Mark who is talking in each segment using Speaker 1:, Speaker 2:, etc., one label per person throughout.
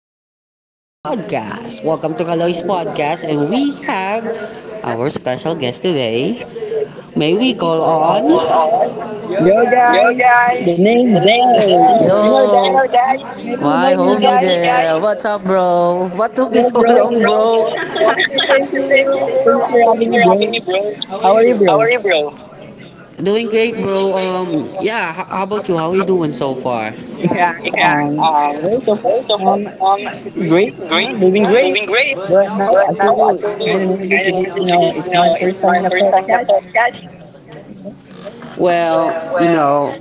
Speaker 1: today's podcast. Welcome to Kaloy's podcast, and we have our special guest today. May we call on?
Speaker 2: Yo,
Speaker 1: Yo
Speaker 2: guys, the
Speaker 1: guys!
Speaker 2: name Dali. You know,
Speaker 1: Yo!
Speaker 2: guys, maybe you
Speaker 1: My
Speaker 2: know me,
Speaker 1: homie,
Speaker 2: guys.
Speaker 1: what's up, bro? What took you
Speaker 2: Yo,
Speaker 1: so
Speaker 2: bro.
Speaker 1: long, bro?
Speaker 2: Thank you,
Speaker 1: Thank you
Speaker 2: bro. Thanks
Speaker 1: bro.
Speaker 2: for
Speaker 1: Thanks
Speaker 2: having me,
Speaker 1: for having
Speaker 2: bro.
Speaker 1: me bro. How are
Speaker 2: How
Speaker 1: you,
Speaker 2: are you, bro?
Speaker 1: bro? Doing great, bro. Yeah. How, about you? How are you doing so far?
Speaker 2: Yeah. Um.
Speaker 1: Um,
Speaker 2: Well, so far,
Speaker 1: với cho phép
Speaker 2: um, great. Yeah, doing great. But now
Speaker 1: right
Speaker 2: I
Speaker 1: now I
Speaker 2: feel
Speaker 1: think
Speaker 2: kind of nervous because you know it's my
Speaker 1: know,
Speaker 2: first
Speaker 1: it's
Speaker 2: time
Speaker 1: my
Speaker 2: in a
Speaker 1: first time in a
Speaker 2: podcast.
Speaker 1: podcast. Well, you know,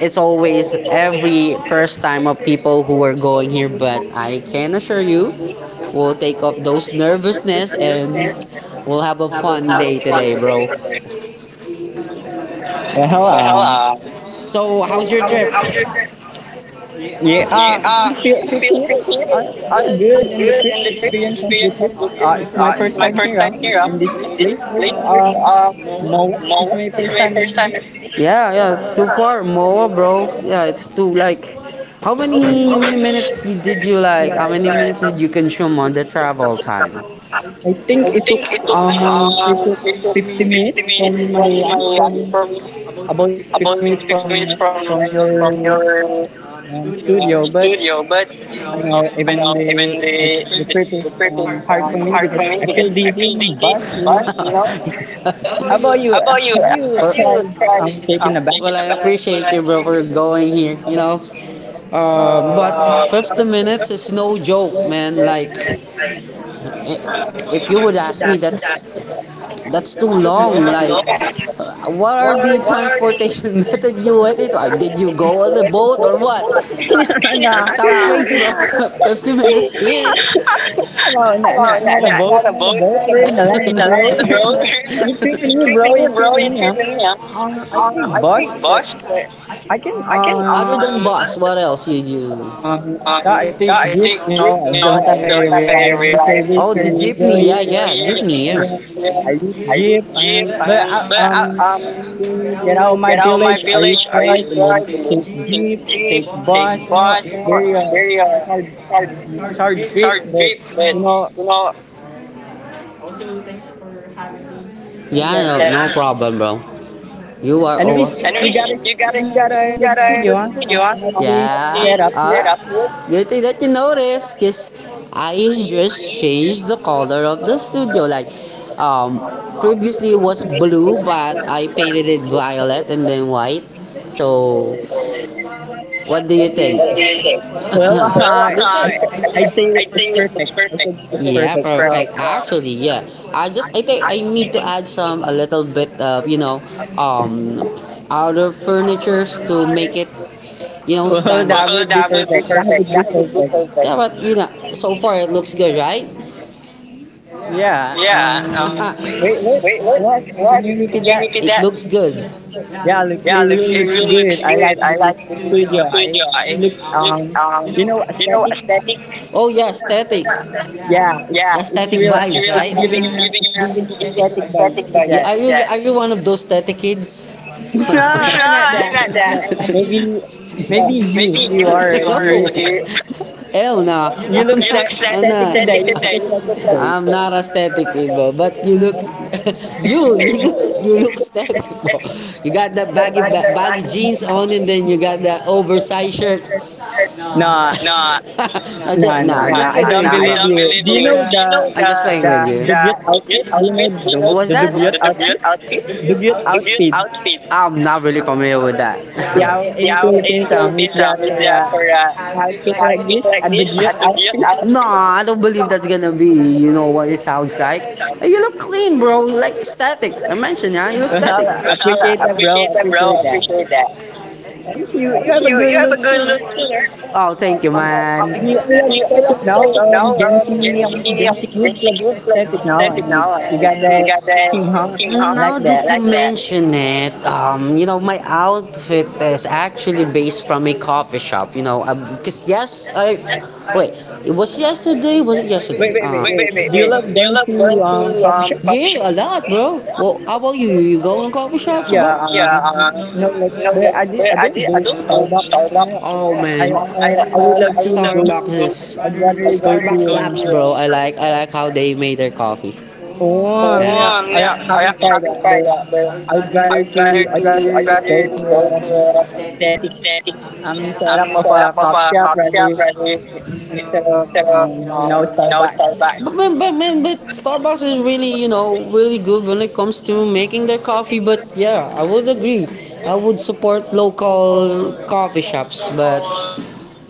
Speaker 1: it's
Speaker 2: So,
Speaker 1: always every first time of people who are going here, but I can assure you, we'll take off those nervousness and we'll have a fun day today, bro.
Speaker 2: Well,
Speaker 1: Yeah,
Speaker 2: um,
Speaker 1: so, how's your trip?
Speaker 2: Yeah,
Speaker 1: Yeah.
Speaker 2: and the feel, to feel it's
Speaker 1: I'm
Speaker 2: still good and the
Speaker 1: good
Speaker 2: trip
Speaker 1: and the trip
Speaker 2: experience of the
Speaker 1: experience.
Speaker 2: trip. It's my first
Speaker 1: Uh,
Speaker 2: time here
Speaker 1: Here up,
Speaker 2: in this place.
Speaker 1: it's
Speaker 2: Where, Moa, it's
Speaker 1: yeah,
Speaker 2: my first time in this.
Speaker 1: yeah, it's too far, Moa, bro. Yeah, it's too like. How many minutes did you like? How many minutes did you consume on the travel time?
Speaker 2: I think it took
Speaker 1: Uh,
Speaker 2: 50 minutes from my um, from about
Speaker 1: about
Speaker 2: 50 minutes
Speaker 1: 15
Speaker 2: from
Speaker 1: minutes for
Speaker 2: from your studio, but
Speaker 1: but
Speaker 2: I
Speaker 1: the
Speaker 2: know even the, the
Speaker 1: you
Speaker 2: trip is hard for me because I feel dizzy in the bus, you know.
Speaker 1: know
Speaker 2: How about you?
Speaker 1: have you
Speaker 2: Have
Speaker 1: have
Speaker 2: you
Speaker 1: well, you
Speaker 2: tried
Speaker 1: tried
Speaker 2: taking a bus?
Speaker 1: taking well, a bath?
Speaker 2: Well, I think
Speaker 1: Appreciate you, bro, for going here. You know, um, but
Speaker 2: um,
Speaker 1: 50 minutes is no joke, man. Like, if you would ask me, that's too long. Like, what are the transportation method you went into? Did you go on the boat or what?
Speaker 2: no, no,
Speaker 1: That's crazy. 50 minutes.
Speaker 2: not a boat,
Speaker 1: And
Speaker 2: not a boat. We're in the land, bro. We're in the, you tripping me, bro. You tripping me. Huh? I
Speaker 1: um,
Speaker 2: take bus, but I can
Speaker 1: Bus. What else you? uh,
Speaker 2: Yeah, I take
Speaker 1: I
Speaker 2: Jeep.
Speaker 1: think,
Speaker 2: You know, I
Speaker 1: you
Speaker 2: don't have
Speaker 1: know,
Speaker 2: a reliable service to go
Speaker 1: yeah,
Speaker 2: here.
Speaker 1: yeah, jeepney, yeah.
Speaker 2: Yeah, I use
Speaker 1: I
Speaker 2: Jeep,
Speaker 1: think
Speaker 2: and but
Speaker 1: I
Speaker 2: to get out of my
Speaker 1: get out of my
Speaker 2: village, I use
Speaker 1: village. Are you
Speaker 2: truck and then
Speaker 1: driving?
Speaker 2: take Jeep,
Speaker 1: Take jeep,
Speaker 2: take bus.
Speaker 1: take
Speaker 2: You know,
Speaker 1: bus,
Speaker 2: it's very
Speaker 1: it's very
Speaker 2: hard,
Speaker 1: hard.
Speaker 2: it's hard trip, but you know, I also thanks for having me. Like
Speaker 1: Yeah,
Speaker 2: that.
Speaker 1: no, no problem, bro. You are all.
Speaker 2: Anyways, you got
Speaker 1: Anyways,
Speaker 2: a you got a
Speaker 1: you
Speaker 2: good
Speaker 1: got a
Speaker 2: studio,
Speaker 1: good
Speaker 2: huh?
Speaker 1: video, huh?
Speaker 2: I like this
Speaker 1: Yeah.
Speaker 2: setup
Speaker 1: Set
Speaker 2: here.
Speaker 1: Up. Good thing that you noticed, cause I just changed the color of the studio. Like, um, previously it was blue, but I painted it violet and then white. So what do you think?
Speaker 2: Well, uh,
Speaker 1: Well,
Speaker 2: I'd
Speaker 1: I-
Speaker 2: I'd say it's perfect. I think it's
Speaker 1: yeah,
Speaker 2: perfect.
Speaker 1: for actually, yeah. I think I need to add some a little bit of um, other furnitures to make it, you know,
Speaker 2: Well,
Speaker 1: stand up.
Speaker 2: that
Speaker 1: Well,
Speaker 2: would be
Speaker 1: that would be
Speaker 2: perfect. That
Speaker 1: perfect.
Speaker 2: would be perfect.
Speaker 1: Yeah, but you know, so far it looks good, right?
Speaker 2: Yeah.
Speaker 1: Yeah.
Speaker 2: Wait. What?
Speaker 1: Wait, what?
Speaker 2: What?
Speaker 1: What?
Speaker 2: Can you repeat
Speaker 1: That
Speaker 2: that?
Speaker 1: looks good.
Speaker 2: Yeah. Looks. It
Speaker 1: Yeah.
Speaker 2: really looks good. I like this studio. It
Speaker 1: Wait,
Speaker 2: looks.
Speaker 1: look.
Speaker 2: You know, aesthetic.
Speaker 1: Oh yeah, aesthetic,
Speaker 2: Yeah. It's.
Speaker 1: yeah.
Speaker 2: It's
Speaker 1: Aesthetic
Speaker 2: real.
Speaker 1: vibes,
Speaker 2: It's
Speaker 1: right?
Speaker 2: giving you. It's giving you
Speaker 1: Yeah.
Speaker 2: aesthetic vibes. Look at
Speaker 1: Are you
Speaker 2: that.
Speaker 1: are you one of those tete kids?
Speaker 2: No,
Speaker 1: No,
Speaker 2: I'm not
Speaker 1: I'm
Speaker 2: that.
Speaker 1: not
Speaker 2: I'm not
Speaker 1: that.
Speaker 2: that. Maybe. Maybe you. You are. The
Speaker 1: Hell no.
Speaker 2: You
Speaker 1: I'm
Speaker 2: look
Speaker 1: not.
Speaker 2: sa-
Speaker 1: I'm
Speaker 2: aesthetic
Speaker 1: not.
Speaker 2: today. You look aesthetic today.
Speaker 1: I'm not a static kid, bro. But you look, you look you look static, bro. You got the baggy jeans on, and then you got the oversized shirt.
Speaker 2: No,
Speaker 1: I'm just, nah, I'm
Speaker 2: no,
Speaker 1: just
Speaker 2: no,
Speaker 1: nah,
Speaker 2: no. I
Speaker 1: kidding with
Speaker 2: don't believe
Speaker 1: you.
Speaker 2: you. Do you know the
Speaker 1: Bro. Just playing
Speaker 2: the
Speaker 1: with you.
Speaker 2: Dubiot outfit? Do you know the
Speaker 1: What was
Speaker 2: the
Speaker 1: that?
Speaker 2: Dubiot outfit? Dubiot
Speaker 1: The debut
Speaker 2: outfit.
Speaker 1: outfit, I'm not really familiar with that.
Speaker 2: Yeah, our- in
Speaker 1: Yeah, in
Speaker 2: Philippines, is that for
Speaker 1: that
Speaker 2: a
Speaker 1: for a
Speaker 2: outfit like
Speaker 1: pancake
Speaker 2: this? A
Speaker 1: like this
Speaker 2: Dubiot
Speaker 1: at the gift.
Speaker 2: outfit.
Speaker 1: Nah, I don't believe that's gonna be. You know what it sounds like? Hey, you look clean, bro. You like static. I mentioned, yeah. You look static.
Speaker 2: Well,
Speaker 1: Well,
Speaker 2: appreciate
Speaker 1: I
Speaker 2: that, bro.
Speaker 1: appreciate,
Speaker 2: Appreciate
Speaker 1: bro,
Speaker 2: that.
Speaker 1: appreciate that.
Speaker 2: At least you have a good look here.
Speaker 1: Oh,
Speaker 2: Um,
Speaker 1: thank you,
Speaker 2: Oh,
Speaker 1: man.
Speaker 2: we love
Speaker 1: We
Speaker 2: aesthetic now. Gen Z kids love aesthetic now, and
Speaker 1: now
Speaker 2: we got
Speaker 1: and she
Speaker 2: that thing, huh?
Speaker 1: "Team Hawk,"
Speaker 2: I
Speaker 1: now
Speaker 2: like
Speaker 1: that you like
Speaker 2: that.
Speaker 1: you mention it, you know, my outfit is actually based from a coffee shop. You know, because yes, I wait. It was yesterday. Was it
Speaker 2: Wait,
Speaker 1: yesterday?
Speaker 2: wait, wait, wait. Do you love going to coffee shop?
Speaker 1: Hey, a lot, bro. Well, how about you? You go in coffee shops or
Speaker 2: Yeah,
Speaker 1: what? Yeah,
Speaker 2: you know, like, but I did, I don't go Starbucks. You know,
Speaker 1: oh
Speaker 2: I
Speaker 1: man, I
Speaker 2: I would love to go. I'd rather go to.
Speaker 1: bro, I like how they made their coffee.
Speaker 2: Oh,
Speaker 1: Oh,
Speaker 2: yeah, I
Speaker 1: yeah, I
Speaker 2: haven't tried that, but
Speaker 1: got
Speaker 2: I would
Speaker 1: the I
Speaker 2: rather to. I'd rather go to um, aesthetic setup of a coffee shop rather instead of you know
Speaker 1: uh,
Speaker 2: Starbucks.
Speaker 1: but man, but Starbucks is really you know really good when it comes to making their coffee. But yeah, I would agree. I would support local coffee shops, but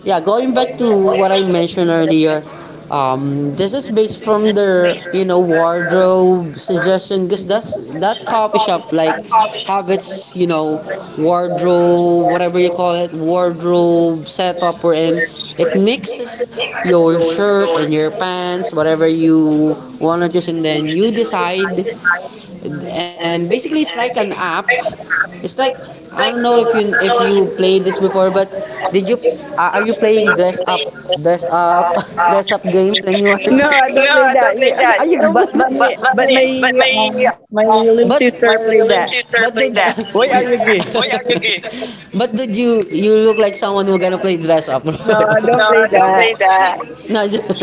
Speaker 1: yeah, going back to what I mentioned earlier, this is based from their you know wardrobe suggestion because that's that coffee shop like have its you know wardrobe whatever you call it wardrobe setup or it mixes your shirt and your pants whatever you want to choose and then you decide and basically it's like an app. It's like I don't know if you played this before, but did you are you playing dress up, dress up games when you are?
Speaker 2: No, I don't
Speaker 1: Yeah,
Speaker 2: play that. Yeah.
Speaker 1: are you don't
Speaker 2: But
Speaker 1: play
Speaker 2: but
Speaker 1: that?
Speaker 2: my but my
Speaker 1: Yeah.
Speaker 2: my
Speaker 1: But
Speaker 2: little
Speaker 1: my
Speaker 2: sister
Speaker 1: little
Speaker 2: play that.
Speaker 1: sister but played did that.
Speaker 2: Why are you gay?
Speaker 1: you but did you look like someone who gonna play dress up?
Speaker 2: No, I don't
Speaker 1: No,
Speaker 2: play
Speaker 1: don't play
Speaker 2: that.
Speaker 1: that. No, just,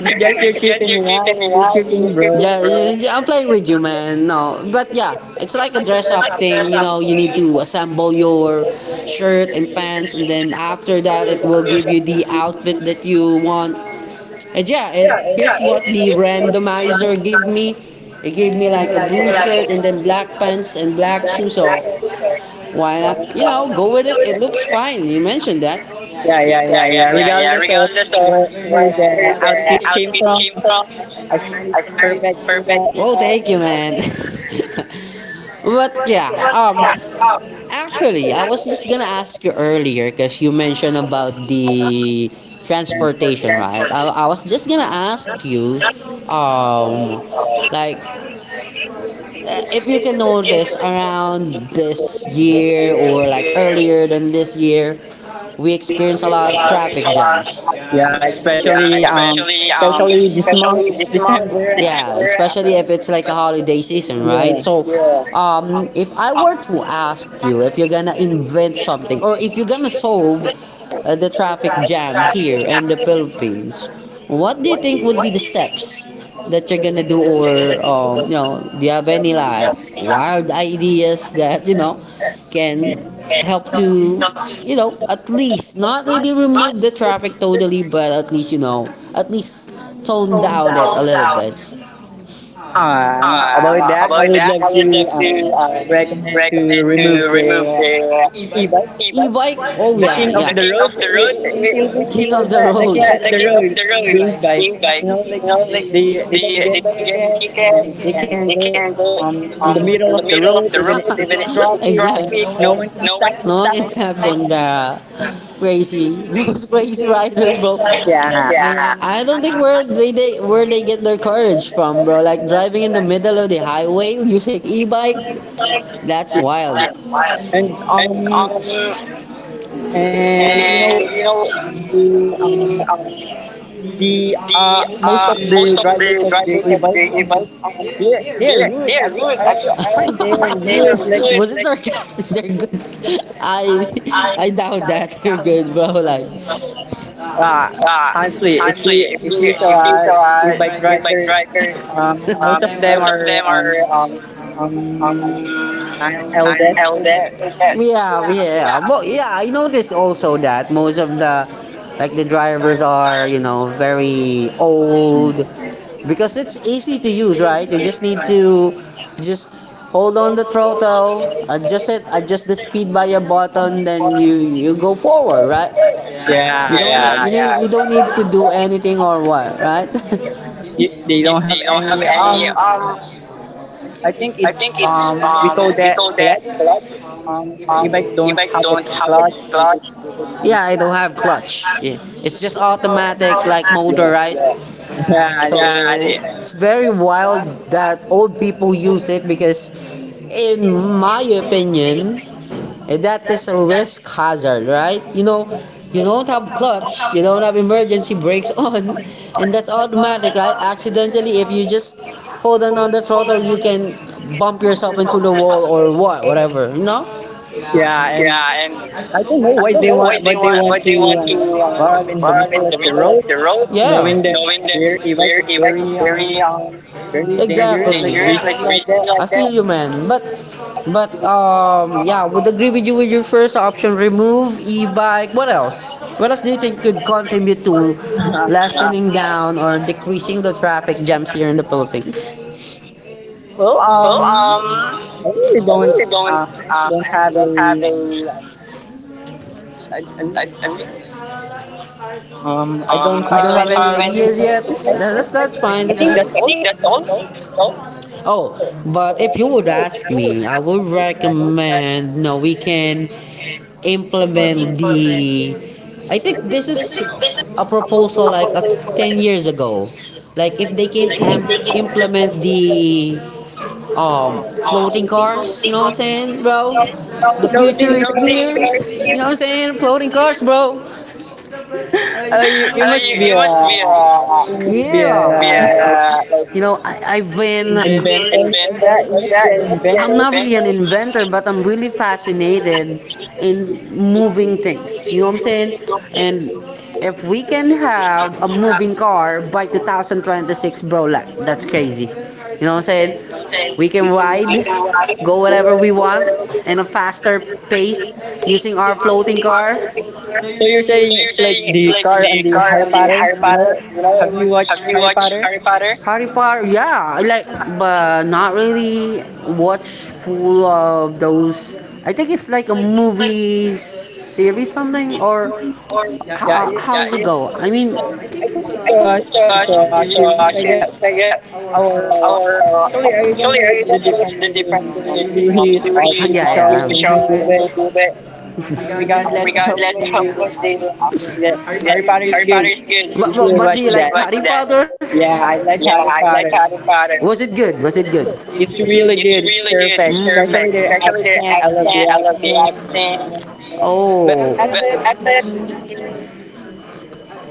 Speaker 2: Just you're creeping me out. You're creeping
Speaker 1: yeah,
Speaker 2: me, bro.
Speaker 1: yeah, I'm playing with you, man. No, but yeah, it's like a dress up thing. You know, you need to assemble your shirt and pants, and then after that, it will give you the outfit that you want. And yeah, it, here's what the randomizer gave me. It gave me like a blue shirt and then black pants and black shoes. So why not? You know, go with it. It looks fine. You mentioned that.
Speaker 2: Yeah, yeah, yeah,
Speaker 1: Yeah.
Speaker 2: yeah. Regardless of where the outfit came from, I find it perfect. You know.
Speaker 1: Oh, thank you, man. But yeah, actually, I was just gonna ask you earlier because you mentioned about the transportation, right? I was just gonna ask you, um, like if you can notice around this year or like earlier than this year, we experience a lot of traffic jams.
Speaker 2: Yeah,
Speaker 1: Yeah,
Speaker 2: especially
Speaker 1: the
Speaker 2: especially this month, it's
Speaker 1: small
Speaker 2: December.
Speaker 1: yeah, especially if it's like a holiday season, right?
Speaker 2: Yeah.
Speaker 1: So, if I were to ask you if you're gonna invent something or if you're gonna solve the traffic jam here in the Philippines, what do you think would be the steps that you're gonna do, or you know, do you have any like wild ideas that you know can help to you know at least not really remove the traffic totally, but at least you know at least tone down it a little bit
Speaker 2: About that,
Speaker 1: up
Speaker 2: I would love to um,
Speaker 1: to
Speaker 2: recommend to
Speaker 1: recommend
Speaker 2: remove
Speaker 1: to
Speaker 2: the
Speaker 1: e
Speaker 2: e-bike,
Speaker 1: bike. E-bike? Oh
Speaker 2: the
Speaker 1: yeah,
Speaker 2: king of
Speaker 1: yeah.
Speaker 2: the road. In Philippines, we call that the king of the road, the
Speaker 1: E
Speaker 2: e-bike. You
Speaker 1: bike.
Speaker 2: know, like
Speaker 1: You know, like
Speaker 2: they don't get
Speaker 1: they don't get
Speaker 2: tickets and
Speaker 1: tickets.
Speaker 2: they can go um in
Speaker 1: Um,
Speaker 2: the middle of the road even if it's
Speaker 1: when it-
Speaker 2: traffic and no one can
Speaker 1: No
Speaker 2: stop them
Speaker 1: one
Speaker 2: like
Speaker 1: is
Speaker 2: that.
Speaker 1: having the crazy, those crazy riders, bro.
Speaker 2: Yeah.
Speaker 1: I don't think where they where they get their courage from, bro. Like driving in the middle of the highway using e-bike, that's wild. That's wild.
Speaker 2: And um and you know
Speaker 1: And you know,
Speaker 2: the um the
Speaker 1: the
Speaker 2: most of the
Speaker 1: most of
Speaker 2: drivers
Speaker 1: the
Speaker 2: of
Speaker 1: right
Speaker 2: the e-bike they're rude. I find they're rude. Like
Speaker 1: sarcastic, they're good. I I doubt that they're good, but like,
Speaker 2: uh,
Speaker 1: uh,
Speaker 2: honestly, if you saw e bike
Speaker 1: I,
Speaker 2: driver,
Speaker 1: uh,
Speaker 2: most of them are
Speaker 1: our um,
Speaker 2: um
Speaker 1: um,
Speaker 2: an
Speaker 1: our
Speaker 2: eldest, I guess.
Speaker 1: eldest, I guess. Yeah, yeah. Yeah. But yeah, I noticed also that most of the like the drivers are, you know, very old because it's easy to use, right? You just need to just hold on the throttle, adjust it, adjust the speed by a button, then you go forward, right? You
Speaker 2: Yeah,
Speaker 1: don't need,
Speaker 2: yeah.
Speaker 1: yeah, yeah. You don't need to do anything or what, right?
Speaker 2: They
Speaker 1: If
Speaker 2: don't have
Speaker 1: they don't have
Speaker 2: any
Speaker 1: any
Speaker 2: I think
Speaker 1: I
Speaker 2: it's
Speaker 1: think it's
Speaker 2: we call
Speaker 1: with
Speaker 2: that clutch.
Speaker 1: um
Speaker 2: E-bike don't
Speaker 1: if-
Speaker 2: have a clutch. They just um
Speaker 1: yeah, I don't have clutch. Yeah. It's just automatic like motor,
Speaker 2: yeah
Speaker 1: right?
Speaker 2: yeah
Speaker 1: So
Speaker 2: they-
Speaker 1: yeah, yeah. It's very wild that old people use it because in my opinion eh, that is a risk hazard, right? You know, you don't have clutch, you don't have emergency brakes on, and that's automatic, right? Accidentally if you just hold on the throttle you can bump yourself into the wall or what whatever, you know?
Speaker 2: yeah and
Speaker 1: And
Speaker 2: I don't know
Speaker 1: I don't
Speaker 2: why they
Speaker 1: want
Speaker 2: want
Speaker 1: much
Speaker 2: to
Speaker 1: to
Speaker 2: drive in the
Speaker 1: bar in
Speaker 2: middle of
Speaker 1: the
Speaker 2: the
Speaker 1: middle of
Speaker 2: road,
Speaker 1: the road,
Speaker 2: knowing
Speaker 1: yeah,
Speaker 2: that
Speaker 1: knowing that
Speaker 2: their e-bike
Speaker 1: here
Speaker 2: is
Speaker 1: e-bike
Speaker 2: very
Speaker 1: is very
Speaker 2: very dangerous,
Speaker 1: exactly.
Speaker 2: like
Speaker 1: Dangerous, like
Speaker 2: risky like that.
Speaker 1: risky like I feel that. You, man. But, yeah, would agree with you with your first option. Remove e-bike. What else? What else do you think could contribute to
Speaker 2: Uh,
Speaker 1: lessening down or decreasing the traffic jams here in the Philippines?
Speaker 2: well,
Speaker 1: Well,
Speaker 2: um, I really don't I really don't
Speaker 1: I
Speaker 2: have a
Speaker 1: think um,
Speaker 2: I, I re-
Speaker 1: I mean,
Speaker 2: I don't
Speaker 1: um, you I
Speaker 2: have
Speaker 1: don't have
Speaker 2: any
Speaker 1: any ideas yet?
Speaker 2: suggestions. Like
Speaker 1: That's
Speaker 2: I
Speaker 1: fine, that's
Speaker 2: think
Speaker 1: fine.
Speaker 2: that's
Speaker 1: I
Speaker 2: all.
Speaker 1: think that's
Speaker 2: That's
Speaker 1: all.
Speaker 2: all.
Speaker 1: No? Oh, but if you
Speaker 2: If you
Speaker 1: would if
Speaker 2: would
Speaker 1: ask
Speaker 2: have
Speaker 1: you would me, I would ask. Recommend no we can implement the I think this I is think this is a proposal a like a, proposal 10 years ago. Like if they can like if they can implement the um um floating cars, you floating know what I'm cars. Saying, bro? So, the future
Speaker 2: nothing.
Speaker 1: is floating near. Cars. You know what I'm saying? Floating cars, bro.
Speaker 2: You
Speaker 1: Uh,
Speaker 2: you must be
Speaker 1: yeah.
Speaker 2: a like
Speaker 1: Yeah. You know, I've been.
Speaker 2: inventor. Like
Speaker 1: Inventor
Speaker 2: that. You
Speaker 1: like
Speaker 2: must be an
Speaker 1: that? I'm
Speaker 2: inventor.
Speaker 1: not really an inventor, but I'm really fascinated in moving things. You know what I'm saying? And if we can have a moving car by 2026, bro, like, that's crazy. You know what I'm saying? We can ride, go wherever we want, in a faster pace using our floating car.
Speaker 2: So
Speaker 1: So
Speaker 2: you're saying
Speaker 1: you're
Speaker 2: it's like
Speaker 1: saying
Speaker 2: the car and the
Speaker 1: car
Speaker 2: Harry Potter, you
Speaker 1: Potter?
Speaker 2: know?
Speaker 1: You
Speaker 2: Have
Speaker 1: know,
Speaker 2: you watched
Speaker 1: have you
Speaker 2: Harry
Speaker 1: watched
Speaker 2: Potter?
Speaker 1: Harry Potter? Harry Potter, yeah, I like, but not really watch full of those. I think it's like a movie series something or
Speaker 2: Yeah,
Speaker 1: how,
Speaker 2: it-
Speaker 1: how to go? I mean,
Speaker 2: I think it's
Speaker 1: Watched
Speaker 2: a series, I guess.
Speaker 1: yeah,
Speaker 2: Or
Speaker 1: our
Speaker 2: actually, I don't know what's the difference between series or
Speaker 1: series.
Speaker 2: TV show
Speaker 1: Yeah.
Speaker 2: and
Speaker 1: Show.
Speaker 2: movie, but
Speaker 1: Um,
Speaker 2: regardless
Speaker 1: we-
Speaker 2: of what the um, yeah,
Speaker 1: yeah,
Speaker 2: Harry Potter is
Speaker 1: Harry
Speaker 2: good.
Speaker 1: Potter is good.
Speaker 2: You
Speaker 1: but but,
Speaker 2: should
Speaker 1: but
Speaker 2: watch
Speaker 1: the
Speaker 2: that.
Speaker 1: Harry
Speaker 2: Yeah, I like Harry Potter.
Speaker 1: Potter. Was it good? Was it good?
Speaker 2: It's really
Speaker 1: It's
Speaker 2: good. It's perfect, especially the accent. I love the accent. You know, but
Speaker 1: Oh,
Speaker 2: at the um,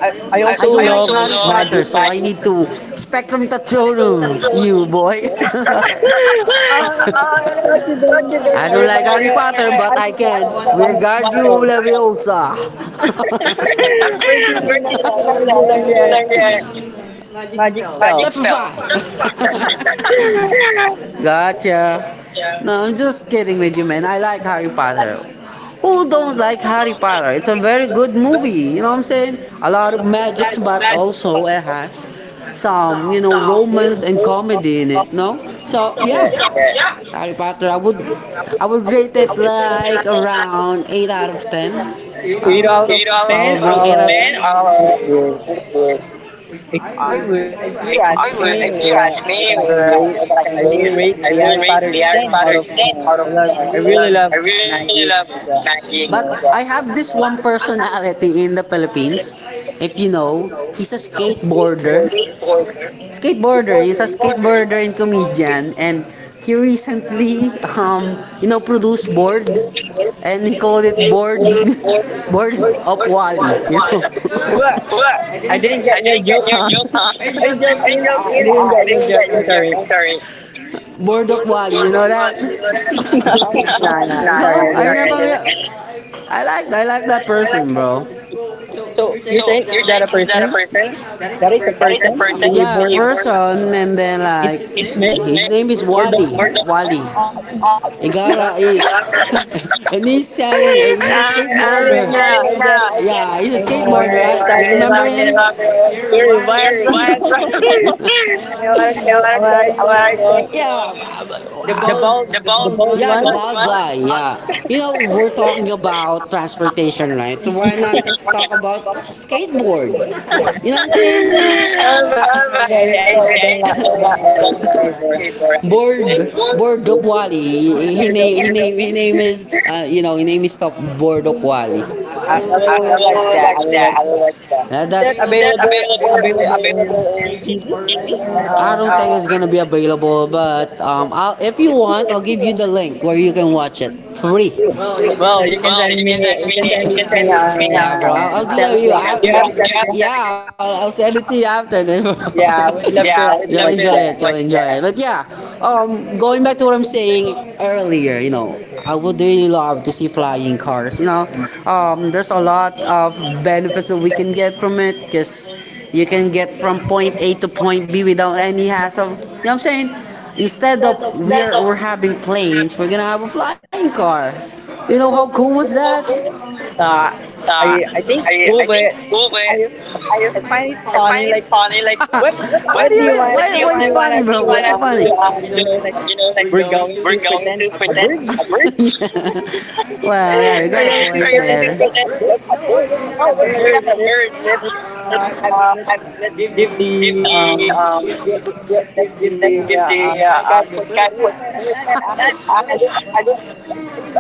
Speaker 2: I, I
Speaker 1: I
Speaker 2: also
Speaker 1: don't like
Speaker 2: love magic.
Speaker 1: butter, so I need to Spectrum Tatronum, you boy.
Speaker 2: Uh, Thought you don't know
Speaker 1: I don't
Speaker 2: Harry
Speaker 1: like
Speaker 2: Potter,
Speaker 1: honey,
Speaker 2: but I
Speaker 1: but I
Speaker 2: do know
Speaker 1: can. We
Speaker 2: one of the
Speaker 1: guard you,
Speaker 2: spells.
Speaker 1: Leviosa.
Speaker 2: Where did you know that? Where did you learn the magic
Speaker 1: Magic
Speaker 2: spell?
Speaker 1: spell. Gotcha. No, I'm just kidding with you, man. I like Harry Potter. Who don't like Harry Potter? It's a very good movie. You know what I'm saying? A lot of magic, but also it has some, romance and comedy in it. No, so yeah,
Speaker 2: Yeah.
Speaker 1: Harry Potter. I would rate it like around 8 out of 10.
Speaker 2: Eight out of
Speaker 1: Eight out
Speaker 2: ten.
Speaker 1: Probably eight out
Speaker 2: I think
Speaker 1: of ten.
Speaker 2: it's good.
Speaker 1: Uh,
Speaker 2: If I would, if you ask
Speaker 1: I
Speaker 2: me,
Speaker 1: would, yeah,
Speaker 2: so that I
Speaker 1: were
Speaker 2: can rate,
Speaker 1: like, I, can
Speaker 2: I will
Speaker 1: really,
Speaker 2: rate
Speaker 1: I
Speaker 2: the
Speaker 1: really
Speaker 2: Harry
Speaker 1: rate the
Speaker 2: Potter
Speaker 1: Harry
Speaker 2: ten
Speaker 1: Potter
Speaker 2: out of
Speaker 1: game
Speaker 2: ten.
Speaker 1: out of 10.
Speaker 2: I really love
Speaker 1: I really
Speaker 2: magic.
Speaker 1: love
Speaker 2: Like that,
Speaker 1: Maggie.
Speaker 2: you
Speaker 1: But
Speaker 2: know.
Speaker 1: I have this one personality in the Philippines. If you know, he's a skateboarder. Skateboarder. Skateboarder. He's a skateboarder and comedian, and he recently, um, produced board, and he called it board of Wally. You know?
Speaker 2: What?
Speaker 1: What? I
Speaker 2: I
Speaker 1: didn't get
Speaker 2: didn't get your joke, huh?
Speaker 1: your joke.
Speaker 2: Are you joking? I didn't get
Speaker 1: I
Speaker 2: your
Speaker 1: didn't
Speaker 2: joke.
Speaker 1: get
Speaker 2: I'm
Speaker 1: your joke.
Speaker 2: sorry.
Speaker 1: I'm sorry. Board of Wally, you know that?
Speaker 2: No, no, no.
Speaker 1: no,
Speaker 2: I'm sorry. I
Speaker 1: nah, I
Speaker 2: didn't.
Speaker 1: never. I like that person, bro.
Speaker 2: So you're
Speaker 1: So,
Speaker 2: saying is that a person? That is a person. The
Speaker 1: yeah,
Speaker 2: board.
Speaker 1: person, and then
Speaker 2: It's
Speaker 1: like
Speaker 2: his name.
Speaker 1: his name is
Speaker 2: Board
Speaker 1: Wally.
Speaker 2: of one.
Speaker 1: Wally.
Speaker 2: Oh.
Speaker 1: Oh, He got a he, and he's selling. He's a
Speaker 2: Ah, I get it
Speaker 1: skateboarder.
Speaker 2: now. I get it
Speaker 1: Yeah,
Speaker 2: now.
Speaker 1: yeah,
Speaker 2: I
Speaker 1: he's a
Speaker 2: know what
Speaker 1: skateboarder,
Speaker 2: I'm
Speaker 1: right? You
Speaker 2: talking
Speaker 1: remember?
Speaker 2: about, bro. You're wild, bro. I know what I'm saying.
Speaker 1: Yeah.
Speaker 2: What I'm saying,
Speaker 1: the
Speaker 2: bro.
Speaker 1: Yeah, The
Speaker 2: The bald, the
Speaker 1: ball.
Speaker 2: bald
Speaker 1: Yeah,
Speaker 2: one.
Speaker 1: guy, yeah. You know, we're talking about transportation, right? So why not talk about skateboard? You know what I'm saying?
Speaker 2: Oh my. Sorry,
Speaker 1: Alright,
Speaker 2: I
Speaker 1: sorry,
Speaker 2: don't
Speaker 1: I
Speaker 2: like. I
Speaker 1: don't know.
Speaker 2: don't
Speaker 1: I
Speaker 2: like
Speaker 1: don't
Speaker 2: skateboard. I don't
Speaker 1: know.
Speaker 2: play
Speaker 1: Board
Speaker 2: skateboard. I
Speaker 1: Board
Speaker 2: don't
Speaker 1: Dokwali. He name his name is his name is Top Board Dokwali.
Speaker 2: I
Speaker 1: I
Speaker 2: will watch
Speaker 1: will
Speaker 2: that.
Speaker 1: like
Speaker 2: I will
Speaker 1: that.
Speaker 2: watch
Speaker 1: I will
Speaker 2: that.
Speaker 1: like that.
Speaker 2: Is that
Speaker 1: That's
Speaker 2: available
Speaker 1: available.
Speaker 2: available
Speaker 1: Available
Speaker 2: in
Speaker 1: in.
Speaker 2: TV? And, and,
Speaker 1: I
Speaker 2: uh,
Speaker 1: don't think it's gonna be available, but if you want, I'll give you the link where you can watch it free.
Speaker 2: well, you can send me. You can send it to me on
Speaker 1: Bro, I'll DM you.
Speaker 2: Telegram. Do you have Telegram?
Speaker 1: Yeah, I'll send it to you after then.
Speaker 2: Yeah, I would love
Speaker 1: Yeah,
Speaker 2: to
Speaker 1: we'd
Speaker 2: like,
Speaker 1: You'll enjoy
Speaker 2: watch
Speaker 1: it. You'll
Speaker 2: that.
Speaker 1: enjoy it. But yeah, going back to what I'm saying earlier, I would really love to see flying cars. You know, there's a lot of benefits that we can get from it because you can get from point A to point B without any hassle. You know what I'm saying? Instead of we're having planes, we're gonna have a flying car. You know how cool was that?
Speaker 2: Uh,
Speaker 1: Uh,
Speaker 2: I think it's
Speaker 1: I
Speaker 2: cool,
Speaker 1: think
Speaker 2: but
Speaker 1: over
Speaker 2: I
Speaker 1: I
Speaker 2: I find it
Speaker 1: I find
Speaker 2: funny.
Speaker 1: it
Speaker 2: Like,
Speaker 1: funny like. Why
Speaker 2: what
Speaker 1: do
Speaker 2: do
Speaker 1: you
Speaker 2: you want?
Speaker 1: think
Speaker 2: What do
Speaker 1: it's
Speaker 2: you want
Speaker 1: funny?
Speaker 2: us
Speaker 1: Um,
Speaker 2: to look? You
Speaker 1: look,
Speaker 2: know, like
Speaker 1: like
Speaker 2: we're
Speaker 1: going
Speaker 2: going
Speaker 1: to
Speaker 2: to
Speaker 1: going to
Speaker 2: pretend a
Speaker 1: pretend
Speaker 2: bird.
Speaker 1: a bird. Yeah. Well, yeah, you
Speaker 2: Are
Speaker 1: got a
Speaker 2: you
Speaker 1: point
Speaker 2: two pretend
Speaker 1: there.
Speaker 2: like
Speaker 1: Thinking
Speaker 2: a bird?
Speaker 1: that-
Speaker 2: No, we're
Speaker 1: No,
Speaker 2: not a
Speaker 1: we're
Speaker 2: bird.
Speaker 1: let's,
Speaker 2: Let's have, let's
Speaker 1: and let's
Speaker 2: give
Speaker 1: give
Speaker 2: the
Speaker 1: the
Speaker 2: um
Speaker 1: let's
Speaker 2: let's
Speaker 1: give the
Speaker 2: give the
Speaker 1: let's give the
Speaker 2: sky for the
Speaker 1: guy
Speaker 2: bird.
Speaker 1: what
Speaker 2: That
Speaker 1: that
Speaker 2: I don't,
Speaker 1: I just